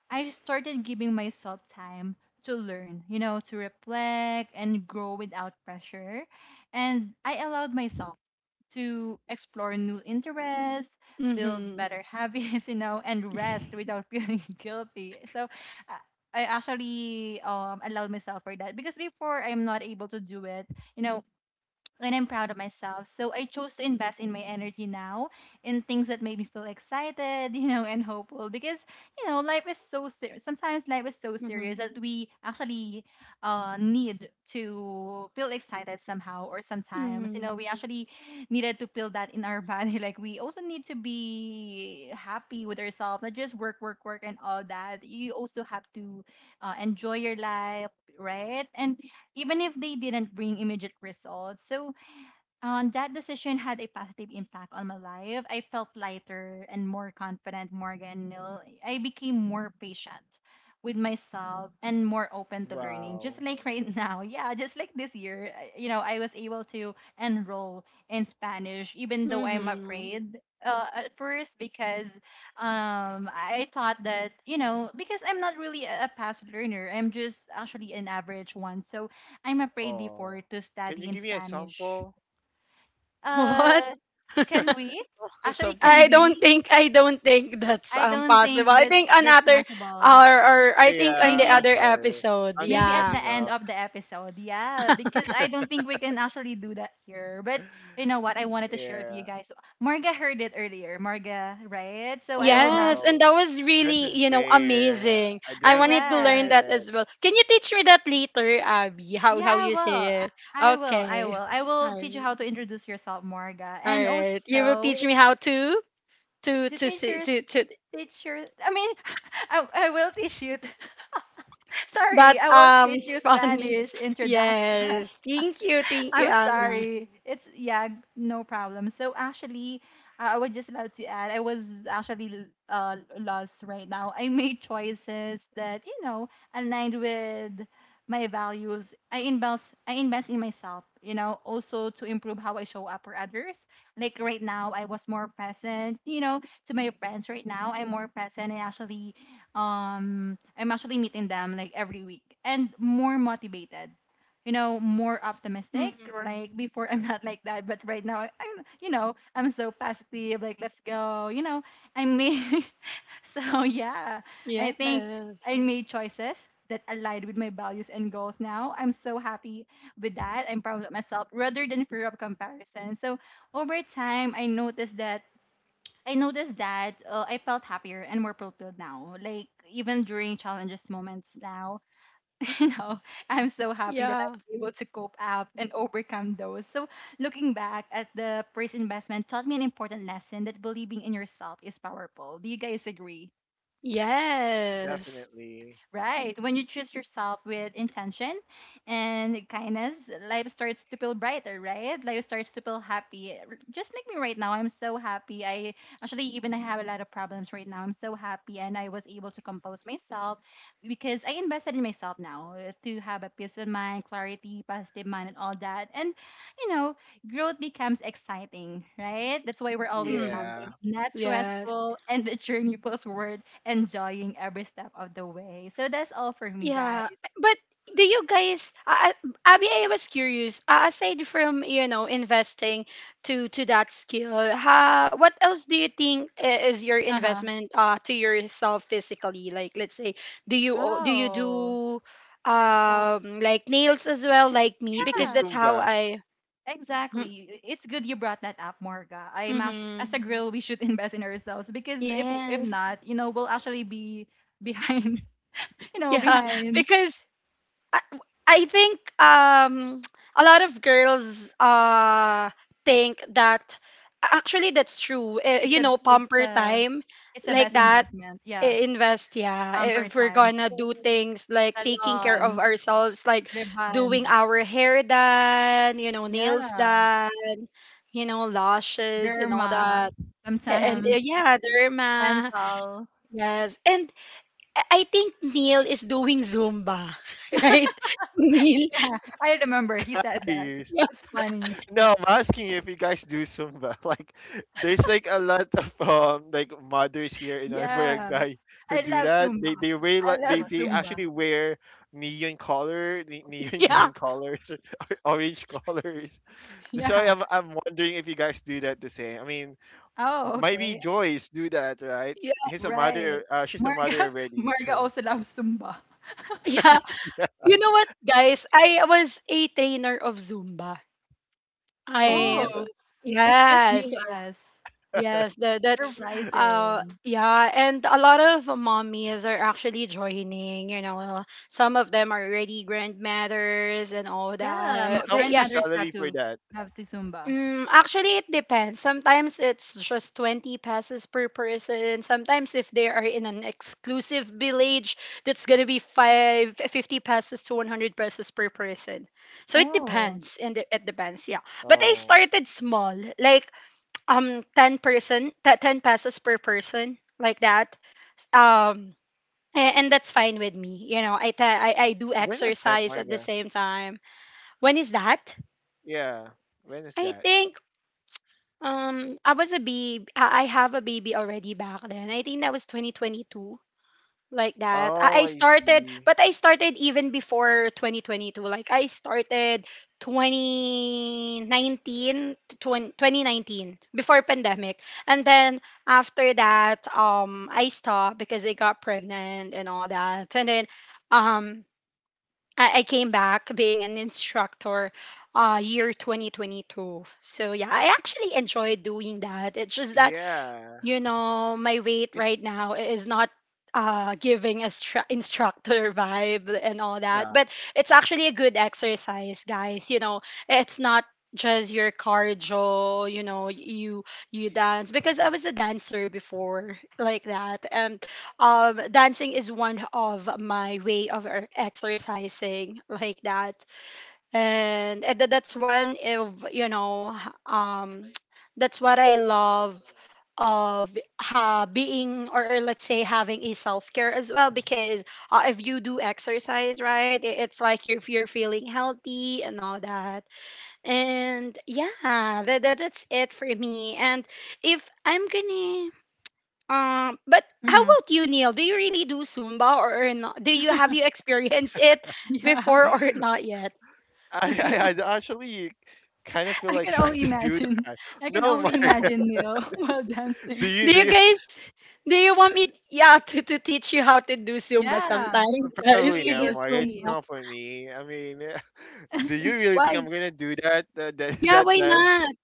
Speaker 3: I started giving myself time to learn, you know, to reflect and grow without pressure. And I allowed myself to explore new interests, build
Speaker 1: Mm-hmm.
Speaker 3: better habits, you know, and rest without feeling guilty. So uh, I actually allowed myself for that because before I'm not able to do it, you know, when I'm proud of myself. So I chose to invest in my energy now in things that make me feel excited, you know, and hopeful because, you know, life is so serious. Sometimes life is so
Speaker 1: Mm-hmm.
Speaker 3: serious that we actually need to feel excited somehow or sometimes, you know, we
Speaker 1: Mm-hmm.
Speaker 3: actually needed to feel that in our body. Like we also need to be happy with ourselves, not just work, work, work and all that. You also have to enjoy your life, right? And even if they didn't bring immediate results. So that decision had a positive impact on my life. I felt lighter and more confident, Morgan Nil. I became more patient with myself and more open to learning. Just
Speaker 2: Wow.
Speaker 3: like right now, just like this year, you know, I was able to enroll in Spanish, even though I'm
Speaker 1: Mm-hmm.
Speaker 3: afraid at first because I thought that, you know, because I'm not really a fast learner, I'm just actually an average one. So I'm afraid
Speaker 2: Oh,
Speaker 3: before to
Speaker 2: can you
Speaker 3: study in
Speaker 2: give me a
Speaker 3: Spanish
Speaker 2: sample?
Speaker 1: What?
Speaker 3: uh, can we? Actually,
Speaker 2: Sample
Speaker 3: can
Speaker 2: state.
Speaker 3: we?
Speaker 1: I don't think that's
Speaker 3: I don't
Speaker 1: possible.
Speaker 3: think
Speaker 1: I think
Speaker 3: that's
Speaker 1: another,
Speaker 3: possible.
Speaker 1: or I think on the
Speaker 2: Yeah, I'm
Speaker 3: Maybe
Speaker 1: other
Speaker 2: sorry.
Speaker 1: episode,
Speaker 2: I'm just
Speaker 3: at
Speaker 1: yeah.
Speaker 3: the
Speaker 2: messing
Speaker 3: end
Speaker 2: up.
Speaker 3: of the episode. Yeah, because I don't think we can actually do that here. But you know what? I wanted to share it to you
Speaker 2: Yeah.
Speaker 3: guys. Marga heard it earlier. Marga, right? So
Speaker 2: Oh,
Speaker 3: I would not
Speaker 1: Yes,
Speaker 2: wow.
Speaker 1: and that was
Speaker 2: That's
Speaker 1: really, you know,
Speaker 2: unfair.
Speaker 1: amazing.
Speaker 2: I
Speaker 1: I
Speaker 2: didn't
Speaker 1: wanted to learn
Speaker 3: correct.
Speaker 1: that
Speaker 2: hear it.
Speaker 1: as well. Can you teach me that later, Abby?
Speaker 3: Yeah,
Speaker 1: How
Speaker 3: I
Speaker 1: you
Speaker 3: will.
Speaker 1: say it?
Speaker 3: I will. I will.
Speaker 1: Okay.
Speaker 3: I will
Speaker 1: All
Speaker 3: teach you
Speaker 1: right.
Speaker 3: how to introduce yourself, Marga,
Speaker 1: All
Speaker 3: and
Speaker 1: right. You will
Speaker 3: also
Speaker 1: teach me how to to
Speaker 3: to
Speaker 1: to
Speaker 3: teach
Speaker 1: say
Speaker 3: your s-
Speaker 1: to
Speaker 3: teach your. I mean, I will teach you.
Speaker 1: that
Speaker 3: Sorry, I won't teach you
Speaker 1: Spanish.
Speaker 3: Spanish introduction.
Speaker 1: Yes. Thank you. Thank you,
Speaker 3: I'm
Speaker 1: Abby.
Speaker 3: sorry. It's yeah, no problem. So actually, I would just love to add. I was actually lost right now. I made choices that you know aligned with my values. I invest in myself. You know, also to improve how I show up for others. Like right now, I was more present. You know, to my friends right now, I'm more present. I actually, I'm actually meeting them like every week and more motivated you know more optimistic
Speaker 1: Mm.
Speaker 3: like before I'm not like that but right now I'm you know I'm so positive like let's go you know I mean so yeah I
Speaker 1: Yeah.
Speaker 3: think I made choices that aligned with my values and goals now I'm so happy with that I'm proud of myself rather than fear of comparison. So over time I noticed that I felt happier and more fulfilled now. Like even during challenges moments now, you know, I'm so happy that
Speaker 1: Yeah.
Speaker 3: I'm able to cope up and overcome those. So, looking back at the first investment taught me an important lesson that believing in yourself is powerful. Do you guys agree?
Speaker 1: Yes.
Speaker 2: Definitely.
Speaker 3: Right. When you choose yourself with intention and kindness, life starts to feel brighter, right? Life starts to feel happy. Just like me right now, I'm so happy. I actually even I have a lot of problems right now. I'm so happy and I was able to compose myself because I invested in myself now to have a peace of mind, clarity, positive mind and all that. And you know, growth becomes exciting, right? That's why we're always
Speaker 1: Hmm.
Speaker 3: laughing,
Speaker 2: Yeah.
Speaker 3: not
Speaker 1: Yes.
Speaker 3: stressful, and the journey forward, enjoying every step of the way. So that's all for me,
Speaker 1: Yeah.
Speaker 3: guys.
Speaker 1: But do you guys, Abby, I was curious, aside from, you know, investing to that skill, ha, what else do you think is your
Speaker 3: Uh huh.
Speaker 1: investment, to yourself physically? Like, let's say, do you o- do you do
Speaker 3: Oh,
Speaker 1: like nails as well, like me?
Speaker 2: Should do
Speaker 1: Because
Speaker 3: yeah,
Speaker 1: that's how
Speaker 2: Zumba.
Speaker 1: I. Hmm.
Speaker 3: exactly. It's good you brought that up, Morga.
Speaker 1: Mm-hmm.
Speaker 3: As a girl, we should invest in ourselves because if
Speaker 1: Yes.
Speaker 3: not, you know, we'll actually be behind. You know,
Speaker 1: Yeah.
Speaker 3: behind.
Speaker 1: Because I I think a lot of girls think that actually that's true.
Speaker 3: It's a it's
Speaker 1: Pamper
Speaker 3: a
Speaker 1: time
Speaker 3: it's a
Speaker 1: like
Speaker 3: best
Speaker 1: that,
Speaker 3: investment. Yeah,
Speaker 1: invest. Yeah,
Speaker 3: pamper
Speaker 1: if we're
Speaker 3: time,
Speaker 1: gonna do things like taking care of
Speaker 3: salon,
Speaker 1: ourselves, like
Speaker 3: rebond.
Speaker 1: doing our hair done, nails
Speaker 3: Yeah.
Speaker 1: done, lashes and all
Speaker 3: Derma,
Speaker 1: that. A- and
Speaker 3: sometimes
Speaker 1: Yeah, derma.
Speaker 3: dental.
Speaker 1: Yes. And I think Neil is doing Zumba, right? Neil.
Speaker 3: Yeah, I remember he said that.
Speaker 2: Please.
Speaker 3: It's funny.
Speaker 2: No, I'm asking if you guys do Zumba. Like, there's like a lot of mothers here in our
Speaker 3: Yeah.
Speaker 2: guy who
Speaker 3: I
Speaker 2: do
Speaker 3: love
Speaker 2: that.
Speaker 3: Zumba.
Speaker 2: They wear
Speaker 3: I
Speaker 2: like
Speaker 3: love
Speaker 2: they
Speaker 3: Zumba.
Speaker 2: actually wear neon color, neon
Speaker 1: Yeah,
Speaker 2: green colors, orange colors. That's why
Speaker 3: Yeah.
Speaker 2: I'm wondering if you guys do that the same. I mean,
Speaker 3: Oh,
Speaker 2: maybe
Speaker 3: okay.
Speaker 2: Joyce do that, right?
Speaker 1: yeah,
Speaker 2: He's a
Speaker 3: Right.
Speaker 2: mother. She's a mother
Speaker 3: Marga
Speaker 2: already.
Speaker 3: Marga
Speaker 2: So,
Speaker 3: also loves Zumba.
Speaker 1: yeah. You know what, guys? I was a trainer of Zumba. I
Speaker 2: really,
Speaker 3: Oh, it's just new
Speaker 1: Yes,
Speaker 3: to us.
Speaker 1: yes. That's
Speaker 3: Surprising.
Speaker 1: yeah, and a lot of mommies are actually joining. Some of them are already grandmothers and all
Speaker 3: Yeah,
Speaker 1: that.
Speaker 2: how
Speaker 1: But
Speaker 2: much
Speaker 1: yeah.
Speaker 2: is
Speaker 3: grandmothers
Speaker 2: salary for that?
Speaker 3: have to Zumba.
Speaker 1: Mm, actually, it depends. Sometimes it's just 20 passes per person. Sometimes if they are in an exclusive village, that's going to be five, 50 passes to 100 passes per person. So it
Speaker 3: Oh.
Speaker 1: depends. And it depends, yeah. But I
Speaker 2: Oh,
Speaker 1: started small, like 10 person, 10 passes per person, like that. Um and that's fine with me. I, t- I do
Speaker 2: when was that,
Speaker 1: exercise at the
Speaker 2: Marga?
Speaker 1: same time. When is that?
Speaker 2: Yeah, when is
Speaker 1: I
Speaker 2: that?
Speaker 1: think, I was a baby. I have a baby already back then. I think that was 2022, like that.
Speaker 2: Oh,
Speaker 1: I
Speaker 2: I
Speaker 1: started,
Speaker 2: see.
Speaker 1: but I started even before 2022. Like I started 2019 to 20, 2019 before pandemic. And then after that, I stopped because I got pregnant and all that. And then, um, I came back being an instructor year 2022. So yeah, I actually enjoy doing that. It's just that,
Speaker 2: Yeah.
Speaker 1: my weight
Speaker 2: It's
Speaker 1: right now is not giving a instructor vibe and all that.
Speaker 2: yeah.
Speaker 1: But it's actually a good exercise, guys. It's not just your cardio, you dance, because I was a dancer before, like that. And dancing is one of my way of exercising, like that. And that's one of, that's what I love of, being, or let's say, having a self-care as well. Because if you do exercise right, it's like you're feeling healthy and all that. And yeah, that's it for me. And if I'm gonna, but how
Speaker 3: Hmm.
Speaker 1: about you, Neil? Do you really do Zumba or, not? Do you have you experienced it
Speaker 3: Yeah.
Speaker 1: before or not yet?
Speaker 2: I actually kind of feel
Speaker 3: I
Speaker 2: like
Speaker 3: can
Speaker 2: trying
Speaker 3: only
Speaker 2: to do
Speaker 3: imagine.
Speaker 2: that.
Speaker 3: I can
Speaker 2: No,
Speaker 3: only
Speaker 2: Mark,
Speaker 3: imagine Neil while
Speaker 2: do
Speaker 3: dancing.
Speaker 2: you
Speaker 1: Do
Speaker 2: do
Speaker 1: you
Speaker 2: you,
Speaker 1: guys do you want me, yeah, to teach you how to do Zumba
Speaker 3: Yeah,
Speaker 1: sometime? Guys,
Speaker 2: probably
Speaker 1: we do
Speaker 2: not,
Speaker 3: please,
Speaker 2: Mark. It's
Speaker 3: please.
Speaker 1: Zumba.
Speaker 2: not for me. I mean, do you really think
Speaker 1: Why?
Speaker 2: I'm gonna do
Speaker 1: Yeah,
Speaker 2: that
Speaker 1: why
Speaker 2: dance?
Speaker 1: not?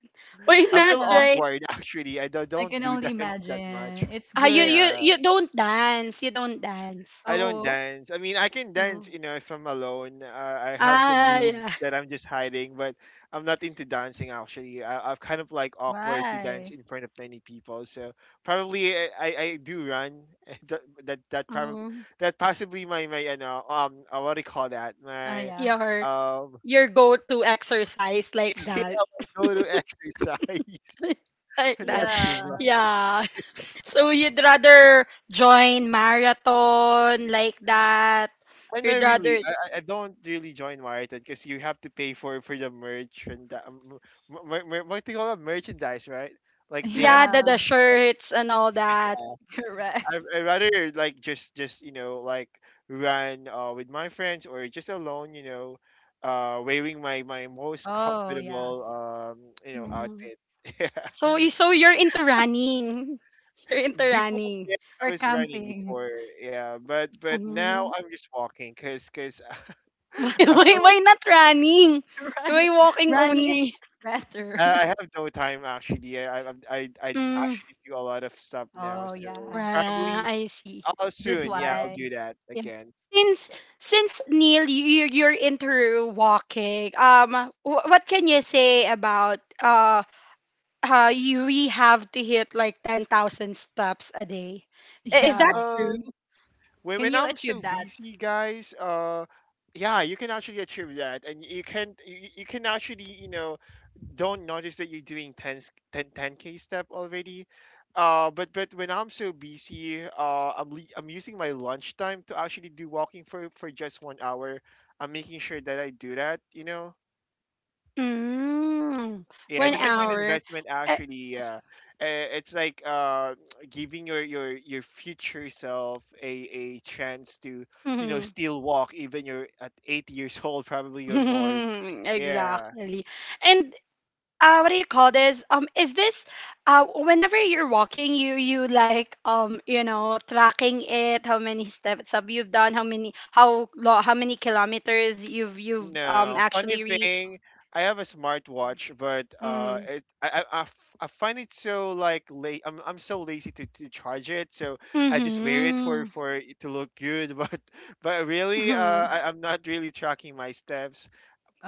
Speaker 1: Why
Speaker 2: I
Speaker 1: not,
Speaker 2: feel
Speaker 3: Yeah,
Speaker 1: right?
Speaker 2: awkward actually. I
Speaker 3: I
Speaker 2: don't
Speaker 3: can
Speaker 2: do
Speaker 3: only
Speaker 2: dance that much.
Speaker 3: imagine. It's
Speaker 1: Ah, you
Speaker 3: good.
Speaker 1: you
Speaker 2: Yeah.
Speaker 1: you don't dance. You don't dance.
Speaker 2: I don't
Speaker 3: Oh,
Speaker 2: dance. I mean, I can dance,
Speaker 1: Mm.
Speaker 2: you know, if I'm alone. I have some
Speaker 1: Ah,
Speaker 2: moves
Speaker 1: yeah.
Speaker 2: that I'm just hiding, but I'm not into dancing actually. I'm kind of like awkward to dance
Speaker 3: bye.
Speaker 2: in front of many people, so probably I do run. that that that probably
Speaker 1: Um,
Speaker 2: that possibly my my you know what do you call that
Speaker 3: Ah,
Speaker 2: my
Speaker 3: yeah.
Speaker 1: your
Speaker 2: um
Speaker 1: your go-to exercise,
Speaker 2: yeah,
Speaker 1: like that.
Speaker 2: my go to exercise.
Speaker 1: Like
Speaker 2: not
Speaker 1: that.
Speaker 2: too
Speaker 3: Yeah.
Speaker 1: Yeah. So you'd rather join marathon, like that.
Speaker 2: I know
Speaker 1: You'd
Speaker 2: really.
Speaker 1: rather,
Speaker 2: I don't really join marathon because you have to pay for the merch and the, mer- mer- mer- what do you call it merchandise, right? Like they have.
Speaker 1: yeah, the
Speaker 3: Yeah,
Speaker 1: shirts and all that.
Speaker 2: Uh,
Speaker 3: correct.
Speaker 2: I rather like just run with my friends or just alone, you know, wearing my my most
Speaker 3: Oh, yeah.
Speaker 2: comfortable
Speaker 1: Mm.
Speaker 2: outfit. Yeah.
Speaker 1: So, so you're into running. You're into
Speaker 2: before
Speaker 1: running.
Speaker 2: yeah, I
Speaker 3: Or
Speaker 2: was running
Speaker 3: camping.
Speaker 2: before. Yeah, but now
Speaker 1: Mm.
Speaker 2: I'm just walking because. I feel
Speaker 1: Why
Speaker 2: like
Speaker 1: not running?
Speaker 3: Right.
Speaker 1: Why walking
Speaker 3: Running is
Speaker 1: only?
Speaker 3: better.
Speaker 2: I have no time actually. I
Speaker 1: Mm.
Speaker 2: actually do a lot of stuff now,
Speaker 3: Oh,
Speaker 2: so
Speaker 3: yeah.
Speaker 2: probably
Speaker 1: I see.
Speaker 2: I'll
Speaker 3: That's
Speaker 2: soon. Yeah, I'll do
Speaker 3: why.
Speaker 2: that
Speaker 1: Yeah.
Speaker 2: again.
Speaker 1: Since since Neil, you're into walking. What can you say about, you, we have to hit like 10,000 steps a day? Is that
Speaker 3: Yeah.
Speaker 1: true?
Speaker 2: Um, when
Speaker 3: Can
Speaker 2: when
Speaker 3: you
Speaker 2: I'm so
Speaker 3: achieve that?
Speaker 2: busy, guys. Yeah, you can actually achieve that, and you can actually, you know, don't notice that you're doing 10, s- 10 10k step already. But when I'm so busy, I'm using my lunch time to actually do walking for just 1 hour. I'm making sure that I do that, you know.
Speaker 1: Mm.
Speaker 2: Yeah,
Speaker 1: One
Speaker 2: that's a good
Speaker 3: Oh,
Speaker 1: hour.
Speaker 2: investment actually. Yeah. It's like, giving your future self a chance to, you know,
Speaker 1: Uh,
Speaker 2: still walk even you're at 80 years old probably, or more. Yeah.
Speaker 1: Exactly. And what do you call this? Is this, whenever you're walking, you like, tracking it? How many steps have you done? How many, how many kilometers you've,
Speaker 2: No. Funny
Speaker 1: actually reached?
Speaker 2: thing, I have a smartwatch, but
Speaker 1: Mm-hmm.
Speaker 2: it, I f- I find it so like late. I'm so lazy to charge it, so I just wear it for
Speaker 1: Mm-hmm.
Speaker 2: it to look good. But really,
Speaker 1: Mm-hmm.
Speaker 2: I'm not really tracking my steps.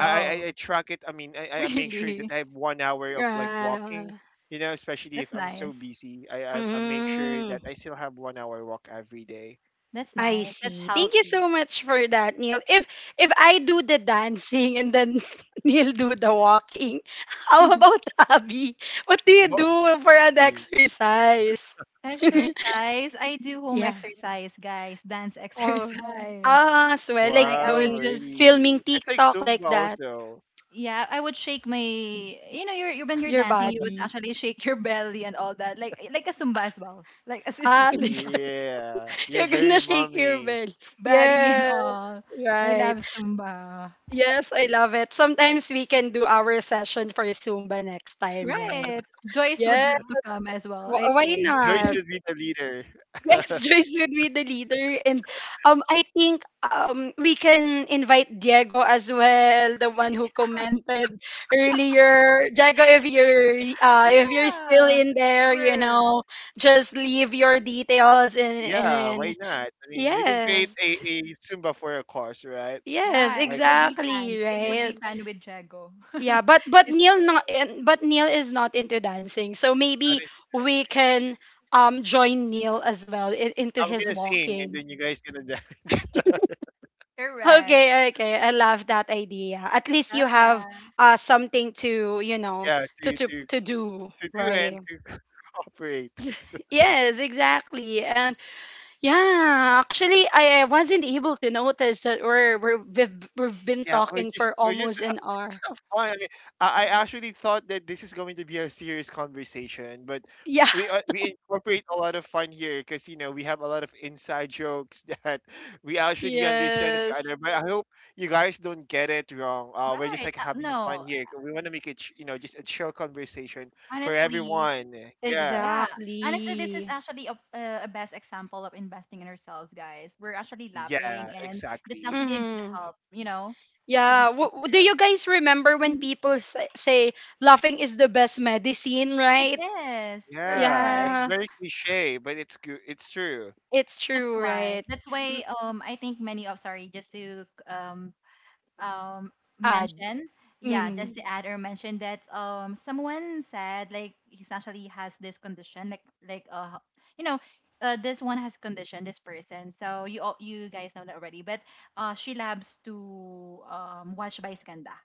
Speaker 2: I, I I track it. I mean, I make sure that
Speaker 3: really?
Speaker 2: I have 1 hour of like
Speaker 1: Yeah.
Speaker 2: walking. You know, especially if
Speaker 3: That's
Speaker 2: I'm so
Speaker 3: nice.
Speaker 2: busy, I make sure
Speaker 1: Mm.
Speaker 2: that I still have 1 hour walk every day.
Speaker 3: That's
Speaker 1: I
Speaker 3: nice. That's
Speaker 1: see. Thank you
Speaker 3: healthy.
Speaker 1: so much for that, Neil. If I do the dancing and then Neil do the walking, how about Abby? What do you
Speaker 2: Walking.
Speaker 1: do for an exercise?
Speaker 3: Exercise. I do home
Speaker 1: Yeah.
Speaker 3: exercise, guys. Dance
Speaker 1: Or
Speaker 3: exercise.
Speaker 1: so I like
Speaker 3: Like I
Speaker 2: Wow,
Speaker 3: would
Speaker 1: doing,
Speaker 3: just
Speaker 1: filming
Speaker 2: really? I take
Speaker 1: TikTok, like
Speaker 2: Zumba
Speaker 1: that.
Speaker 2: also.
Speaker 3: yeah, I would shake my you know, you when you're
Speaker 1: Your
Speaker 3: dancing, you would
Speaker 1: body.
Speaker 3: actually shake your belly and all that. Like a Zumba as well. Like as is a
Speaker 1: Ah, like,
Speaker 3: Zumba.
Speaker 2: Yeah, yeah,
Speaker 1: you're
Speaker 2: very
Speaker 1: gonna shake your
Speaker 2: mommy.
Speaker 1: belly.
Speaker 3: Body and
Speaker 1: Yeah,
Speaker 3: all. I love
Speaker 1: right.
Speaker 3: Zumba.
Speaker 1: Yes, I love it. Sometimes we can do our session for Zumba next time, right?
Speaker 3: Right. Joyce would
Speaker 1: Yeah.
Speaker 3: love to come as well, I
Speaker 1: Why
Speaker 3: think.
Speaker 2: Joy
Speaker 1: not?
Speaker 2: should be the leader.
Speaker 1: Yes, Joyce would be the leader, and I think we can invite Diego as well, the one who commented earlier. Diego, if you're, if you're still
Speaker 3: Yeah.
Speaker 1: in there,
Speaker 3: Sure.
Speaker 1: just leave your details and
Speaker 2: Yeah,
Speaker 1: then,
Speaker 2: why not? I mean, we can create
Speaker 1: yes,
Speaker 2: a Zumba for a course, right?
Speaker 1: yes,
Speaker 3: Yeah, it
Speaker 2: Like,
Speaker 3: would be fun.
Speaker 1: exactly,
Speaker 3: It
Speaker 2: eh,
Speaker 3: would
Speaker 1: right?
Speaker 3: be fun with Jago.
Speaker 1: Yeah, but but
Speaker 3: it's
Speaker 1: Neil not and- but Neil is not into dancing, so
Speaker 2: I'm
Speaker 1: maybe
Speaker 2: gonna
Speaker 1: we can join Neil as well, into
Speaker 2: I'm
Speaker 1: his
Speaker 2: gonna sing, and
Speaker 1: walking.
Speaker 2: then you guys gonna dance.
Speaker 3: correct.
Speaker 1: Okay, okay. I love that idea. At least
Speaker 3: Love
Speaker 1: you
Speaker 3: that.
Speaker 1: have something to,
Speaker 2: Yeah,
Speaker 1: to to to do,
Speaker 2: to do and
Speaker 1: right?
Speaker 2: to cooperate. So, so,
Speaker 1: Yes, exactly. And yeah, actually I wasn't able to notice that we've been
Speaker 2: yeah,
Speaker 1: talking for almost an
Speaker 2: it's
Speaker 1: hour.
Speaker 2: so fun. I mean, I actually thought that this is going to be a serious conversation, but
Speaker 1: Yeah.
Speaker 2: we incorporate a lot of fun here because, you know, we have a lot of inside jokes that we actually understand each other.
Speaker 1: Yes.
Speaker 2: But I hope you guys don't get it wrong. We're just
Speaker 3: Right.
Speaker 2: like having fun
Speaker 3: No,
Speaker 2: here. We want to make it you know, just a chill conversation for
Speaker 3: honestly,
Speaker 2: everyone. Yeah,
Speaker 3: yeah. Honestly, this is
Speaker 1: Exactly.
Speaker 3: actually a best example of investing in ourselves, guys. We're actually lapping,
Speaker 2: yeah,
Speaker 3: and that's
Speaker 2: exactly.
Speaker 3: actually a good
Speaker 1: Mhm.
Speaker 3: help, you know, to
Speaker 1: Yeah,
Speaker 3: be
Speaker 1: do
Speaker 3: positive.
Speaker 1: you guys remember when
Speaker 3: Mhm.
Speaker 1: people say laughing is the best medicine,
Speaker 3: It
Speaker 1: right?
Speaker 3: is
Speaker 2: Yeah, it's
Speaker 3: correct.
Speaker 1: Yeah.
Speaker 2: very cliche, but it's good. It's true.
Speaker 1: It's
Speaker 3: That's
Speaker 1: true,
Speaker 3: why.
Speaker 1: right?
Speaker 3: That's why.
Speaker 1: M-
Speaker 3: I think many of sorry, just to um
Speaker 1: Ad.
Speaker 3: mention yeah
Speaker 1: Mm-hmm.
Speaker 3: just to add or mention that someone said like he actually has this condition like like uh you know this one has condition this person so you all you guys know that already but she loves to watch by skanda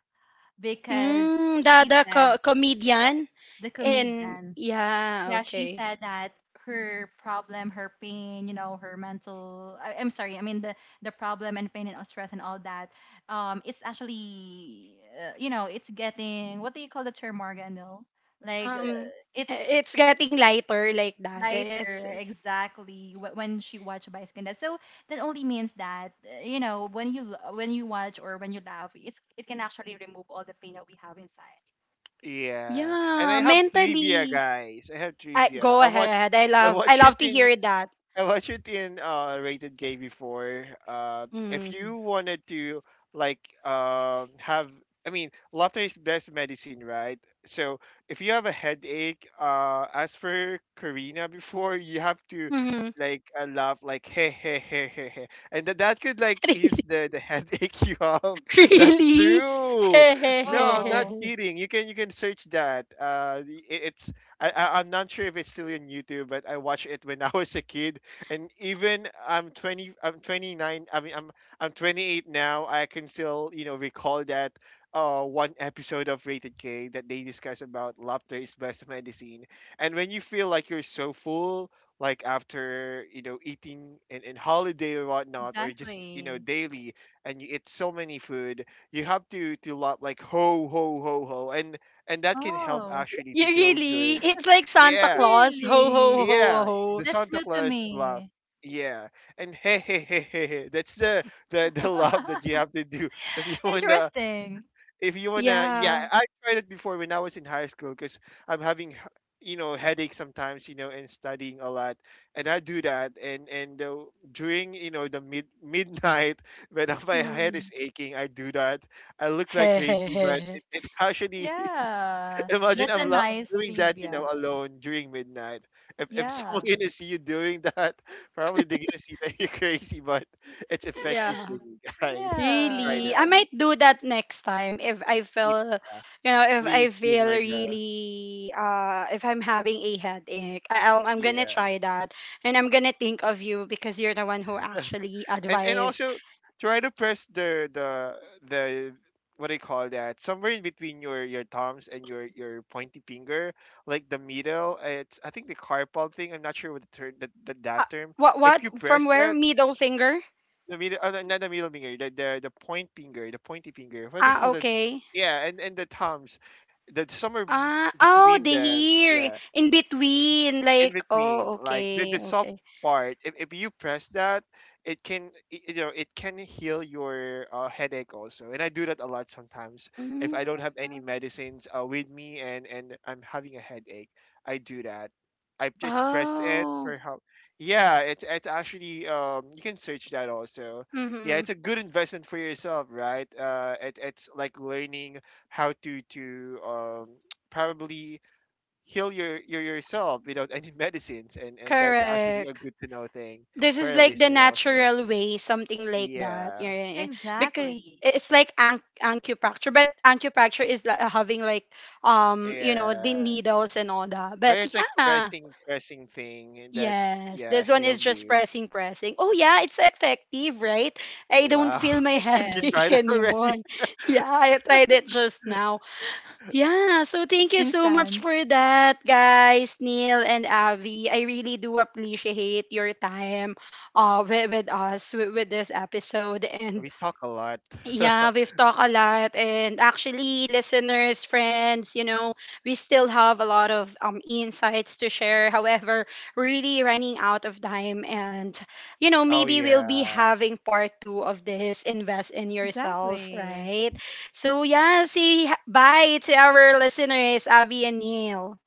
Speaker 3: because
Speaker 1: Mm,
Speaker 3: she said
Speaker 1: comedian
Speaker 3: the
Speaker 1: in,
Speaker 3: comedian
Speaker 1: yeah,
Speaker 3: yeah, she
Speaker 1: okay.
Speaker 3: said that her problem, her pain, you know, her mental I'm sorry, I mean the problem and pain and stress and all that it's actually you know, it's getting what do you call the term Morgan? No? Like
Speaker 1: Um
Speaker 3: it's
Speaker 1: it's getting lighter, like that. It's,
Speaker 3: lighter exactly when she watched Bioskinda. So that only means that you know, when you when you watch or when you laugh, it's it can actually remove all the pain that we have inside.
Speaker 2: Yeah, and
Speaker 1: yeah,
Speaker 2: I have trivia,
Speaker 1: mentally.
Speaker 2: guys. I have
Speaker 1: I
Speaker 2: trivia.
Speaker 1: go ahead.
Speaker 2: I
Speaker 1: I
Speaker 2: watch it
Speaker 1: love to
Speaker 2: in
Speaker 1: hear that.
Speaker 2: I watched it in, uh, Rated K before. If
Speaker 1: Mm.
Speaker 2: you wanted to like um have, I mean, laughter is best medicine, right? So if you have a headache, as for Karina before, you have to
Speaker 1: Mm-hmm.
Speaker 2: laugh like hey, hey, hey, hey, hey, and that could like ease the headache you have. That's
Speaker 1: Really?
Speaker 2: true. No, I'm not
Speaker 3: Oh,
Speaker 2: kidding. You can search that. I- it's I I'm not sure if it's still on YouTube, but I watched it when I was a kid, and even I'm 20 I'm 29 I mean I'm I'm 28 now. I can still, you know, recall that one episode of Rated K that they discuss about laughter is best medicine. And when you feel like you're so full, like after, you know, eating and, holiday or whatnot, or just, you know,
Speaker 3: exactly.
Speaker 2: daily, and you eat so many food, you have to laugh like ho, ho, ho, ho, and that can help
Speaker 3: Oh.
Speaker 2: actually
Speaker 1: You,
Speaker 2: to feel
Speaker 1: really?
Speaker 2: good.
Speaker 1: It's like Santa
Speaker 2: Yeah,
Speaker 1: Claus. Ho ho
Speaker 3: Really?
Speaker 1: ho
Speaker 2: yeah,
Speaker 1: ho.
Speaker 2: the
Speaker 3: That's
Speaker 2: Santa
Speaker 3: new to
Speaker 2: Claus laugh.
Speaker 3: me.
Speaker 2: Yeah, and hey, hey, hey, hey, hey. That's the laugh that you have to do if you wanna
Speaker 3: Interesting.
Speaker 2: if you wanna. Yeah,
Speaker 1: Yeah.
Speaker 2: I tried it before when I was in high school because I'm having h- you know, headaches sometimes, you know, and studying a lot, and I do that, and during, you know, the mid midnight when my head is
Speaker 1: Mm.
Speaker 2: aching, I do that. I look like crazy, but it actually
Speaker 3: Yeah.
Speaker 2: Imagine
Speaker 3: That's a
Speaker 2: I'm lo-
Speaker 3: nice
Speaker 2: doing that, you know,
Speaker 3: trivia.
Speaker 2: alone during midnight. If someone
Speaker 3: Yeah.
Speaker 2: gonna see you doing that, probably they're gonna see that you're crazy. But it's effective for
Speaker 1: Yeah.
Speaker 2: you guys. Try
Speaker 1: Really? I
Speaker 2: that.
Speaker 3: Yeah.
Speaker 1: might do that next time if I
Speaker 2: Yeah,
Speaker 1: feel, if
Speaker 2: please
Speaker 1: I
Speaker 2: do,
Speaker 1: feel
Speaker 2: my God.
Speaker 1: really, if I'm having a headache. I'm gonna
Speaker 2: Yeah,
Speaker 1: try that, and I'm gonna think of you because you're the one who actually
Speaker 2: and
Speaker 1: advised.
Speaker 2: also try to press the the what do you call that? Somewhere in between your thumbs and your pointy finger, like the middle. It's, I think, the carpal thing. I'm not sure what the term, that term.
Speaker 1: What?
Speaker 2: If you
Speaker 1: What?
Speaker 2: press
Speaker 1: From where?
Speaker 2: that,
Speaker 1: Middle finger?
Speaker 2: the middle, no, not the middle finger, the, the point finger, the pointy finger. What do you
Speaker 1: Ah,
Speaker 2: call that?
Speaker 1: okay.
Speaker 2: Yeah, and the thumbs, that somewhere
Speaker 1: Ah, oh,
Speaker 2: between
Speaker 1: the
Speaker 2: them.
Speaker 1: here
Speaker 2: Yeah,
Speaker 1: in between,
Speaker 2: in
Speaker 1: like,
Speaker 2: between
Speaker 1: oh,
Speaker 2: like the
Speaker 1: okay,
Speaker 2: soft
Speaker 1: okay.
Speaker 2: part, if you press that, it can it, you know, it can heal your, headache also. And I do that a lot sometimes, if
Speaker 1: Mm.
Speaker 2: I don't have any medicines with me, and I'm having a headache, I do that. I just press it
Speaker 1: Oh.
Speaker 2: for help. Yeah, it's actually, um, you can search that also. Yeah,
Speaker 1: Mm-hmm.
Speaker 2: it's a good investment for yourself, right? Uh, it, it's like learning how to um, probably heal your yourself without any medicines. And that's actually a
Speaker 1: Correct.
Speaker 2: good to know thing
Speaker 1: This
Speaker 2: for
Speaker 1: is
Speaker 2: a
Speaker 1: like the
Speaker 2: listener also.
Speaker 1: natural way, something like that.
Speaker 2: Yeah.
Speaker 1: Yeah, yeah, yeah. Because
Speaker 3: Exactly.
Speaker 1: it's like acupuncture, but acupuncture is having like, the
Speaker 2: Yeah,
Speaker 1: needles and all that.
Speaker 2: but
Speaker 1: But
Speaker 2: it's like
Speaker 1: yeah,
Speaker 2: pressing, pressing thing that
Speaker 1: yes,
Speaker 2: yeah
Speaker 1: this one
Speaker 2: heal
Speaker 1: is just
Speaker 2: you.
Speaker 1: pressing, pressing. Oh yeah, it's effective, right? I don't
Speaker 2: Wow.
Speaker 1: feel my
Speaker 3: It
Speaker 2: You
Speaker 3: is.
Speaker 1: headache
Speaker 2: tried
Speaker 1: anymore.
Speaker 2: already.
Speaker 1: Yeah, I tried it just now. Yeah, so thank you so much
Speaker 3: Instant.
Speaker 1: for that, guys, Neil and Avi. I really do appreciate your time with us, with this episode. And
Speaker 2: We talk a lot.
Speaker 1: yeah, we've talked a lot, and actually, listeners, friends, we still have a lot of insights to share. However, really running out of time, and
Speaker 2: Oh
Speaker 1: maybe we'll be
Speaker 2: yeah.
Speaker 1: having part two of this. Invest in yourself,
Speaker 3: Exactly.
Speaker 1: right? So yeah, see, bye to our listeners, Abby and Neil.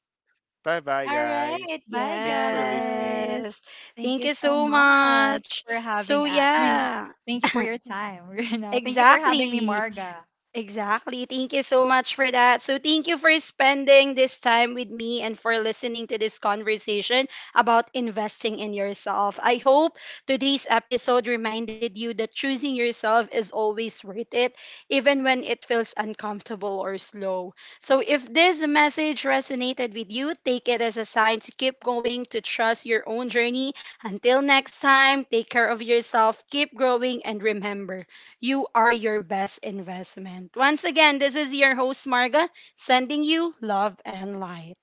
Speaker 2: Bye bye,
Speaker 3: All
Speaker 2: guys.
Speaker 3: right. Bye,
Speaker 2: Thanks for listening.
Speaker 3: guys.
Speaker 1: Yes,
Speaker 3: Thank
Speaker 1: thank
Speaker 3: you
Speaker 1: you
Speaker 3: so
Speaker 1: so
Speaker 3: much
Speaker 1: much.
Speaker 3: for
Speaker 1: So
Speaker 3: I mean,
Speaker 1: yeah,
Speaker 3: thank you for your time, you know. Thank you for having me,
Speaker 1: exactly.
Speaker 3: Marga.
Speaker 1: Exactly. Thank you so much for that. So, thank you for spending this time with me and for listening to this conversation about investing in yourself. I hope today's episode reminded you that choosing yourself is always worth it, even when it feels uncomfortable or slow. So, if this message resonated with you, take it as a sign to keep going, to trust your own journey. Until next time, take care of yourself, keep growing, and remember. You are your best investment. Once again, this is your host, Marga, sending you love and light.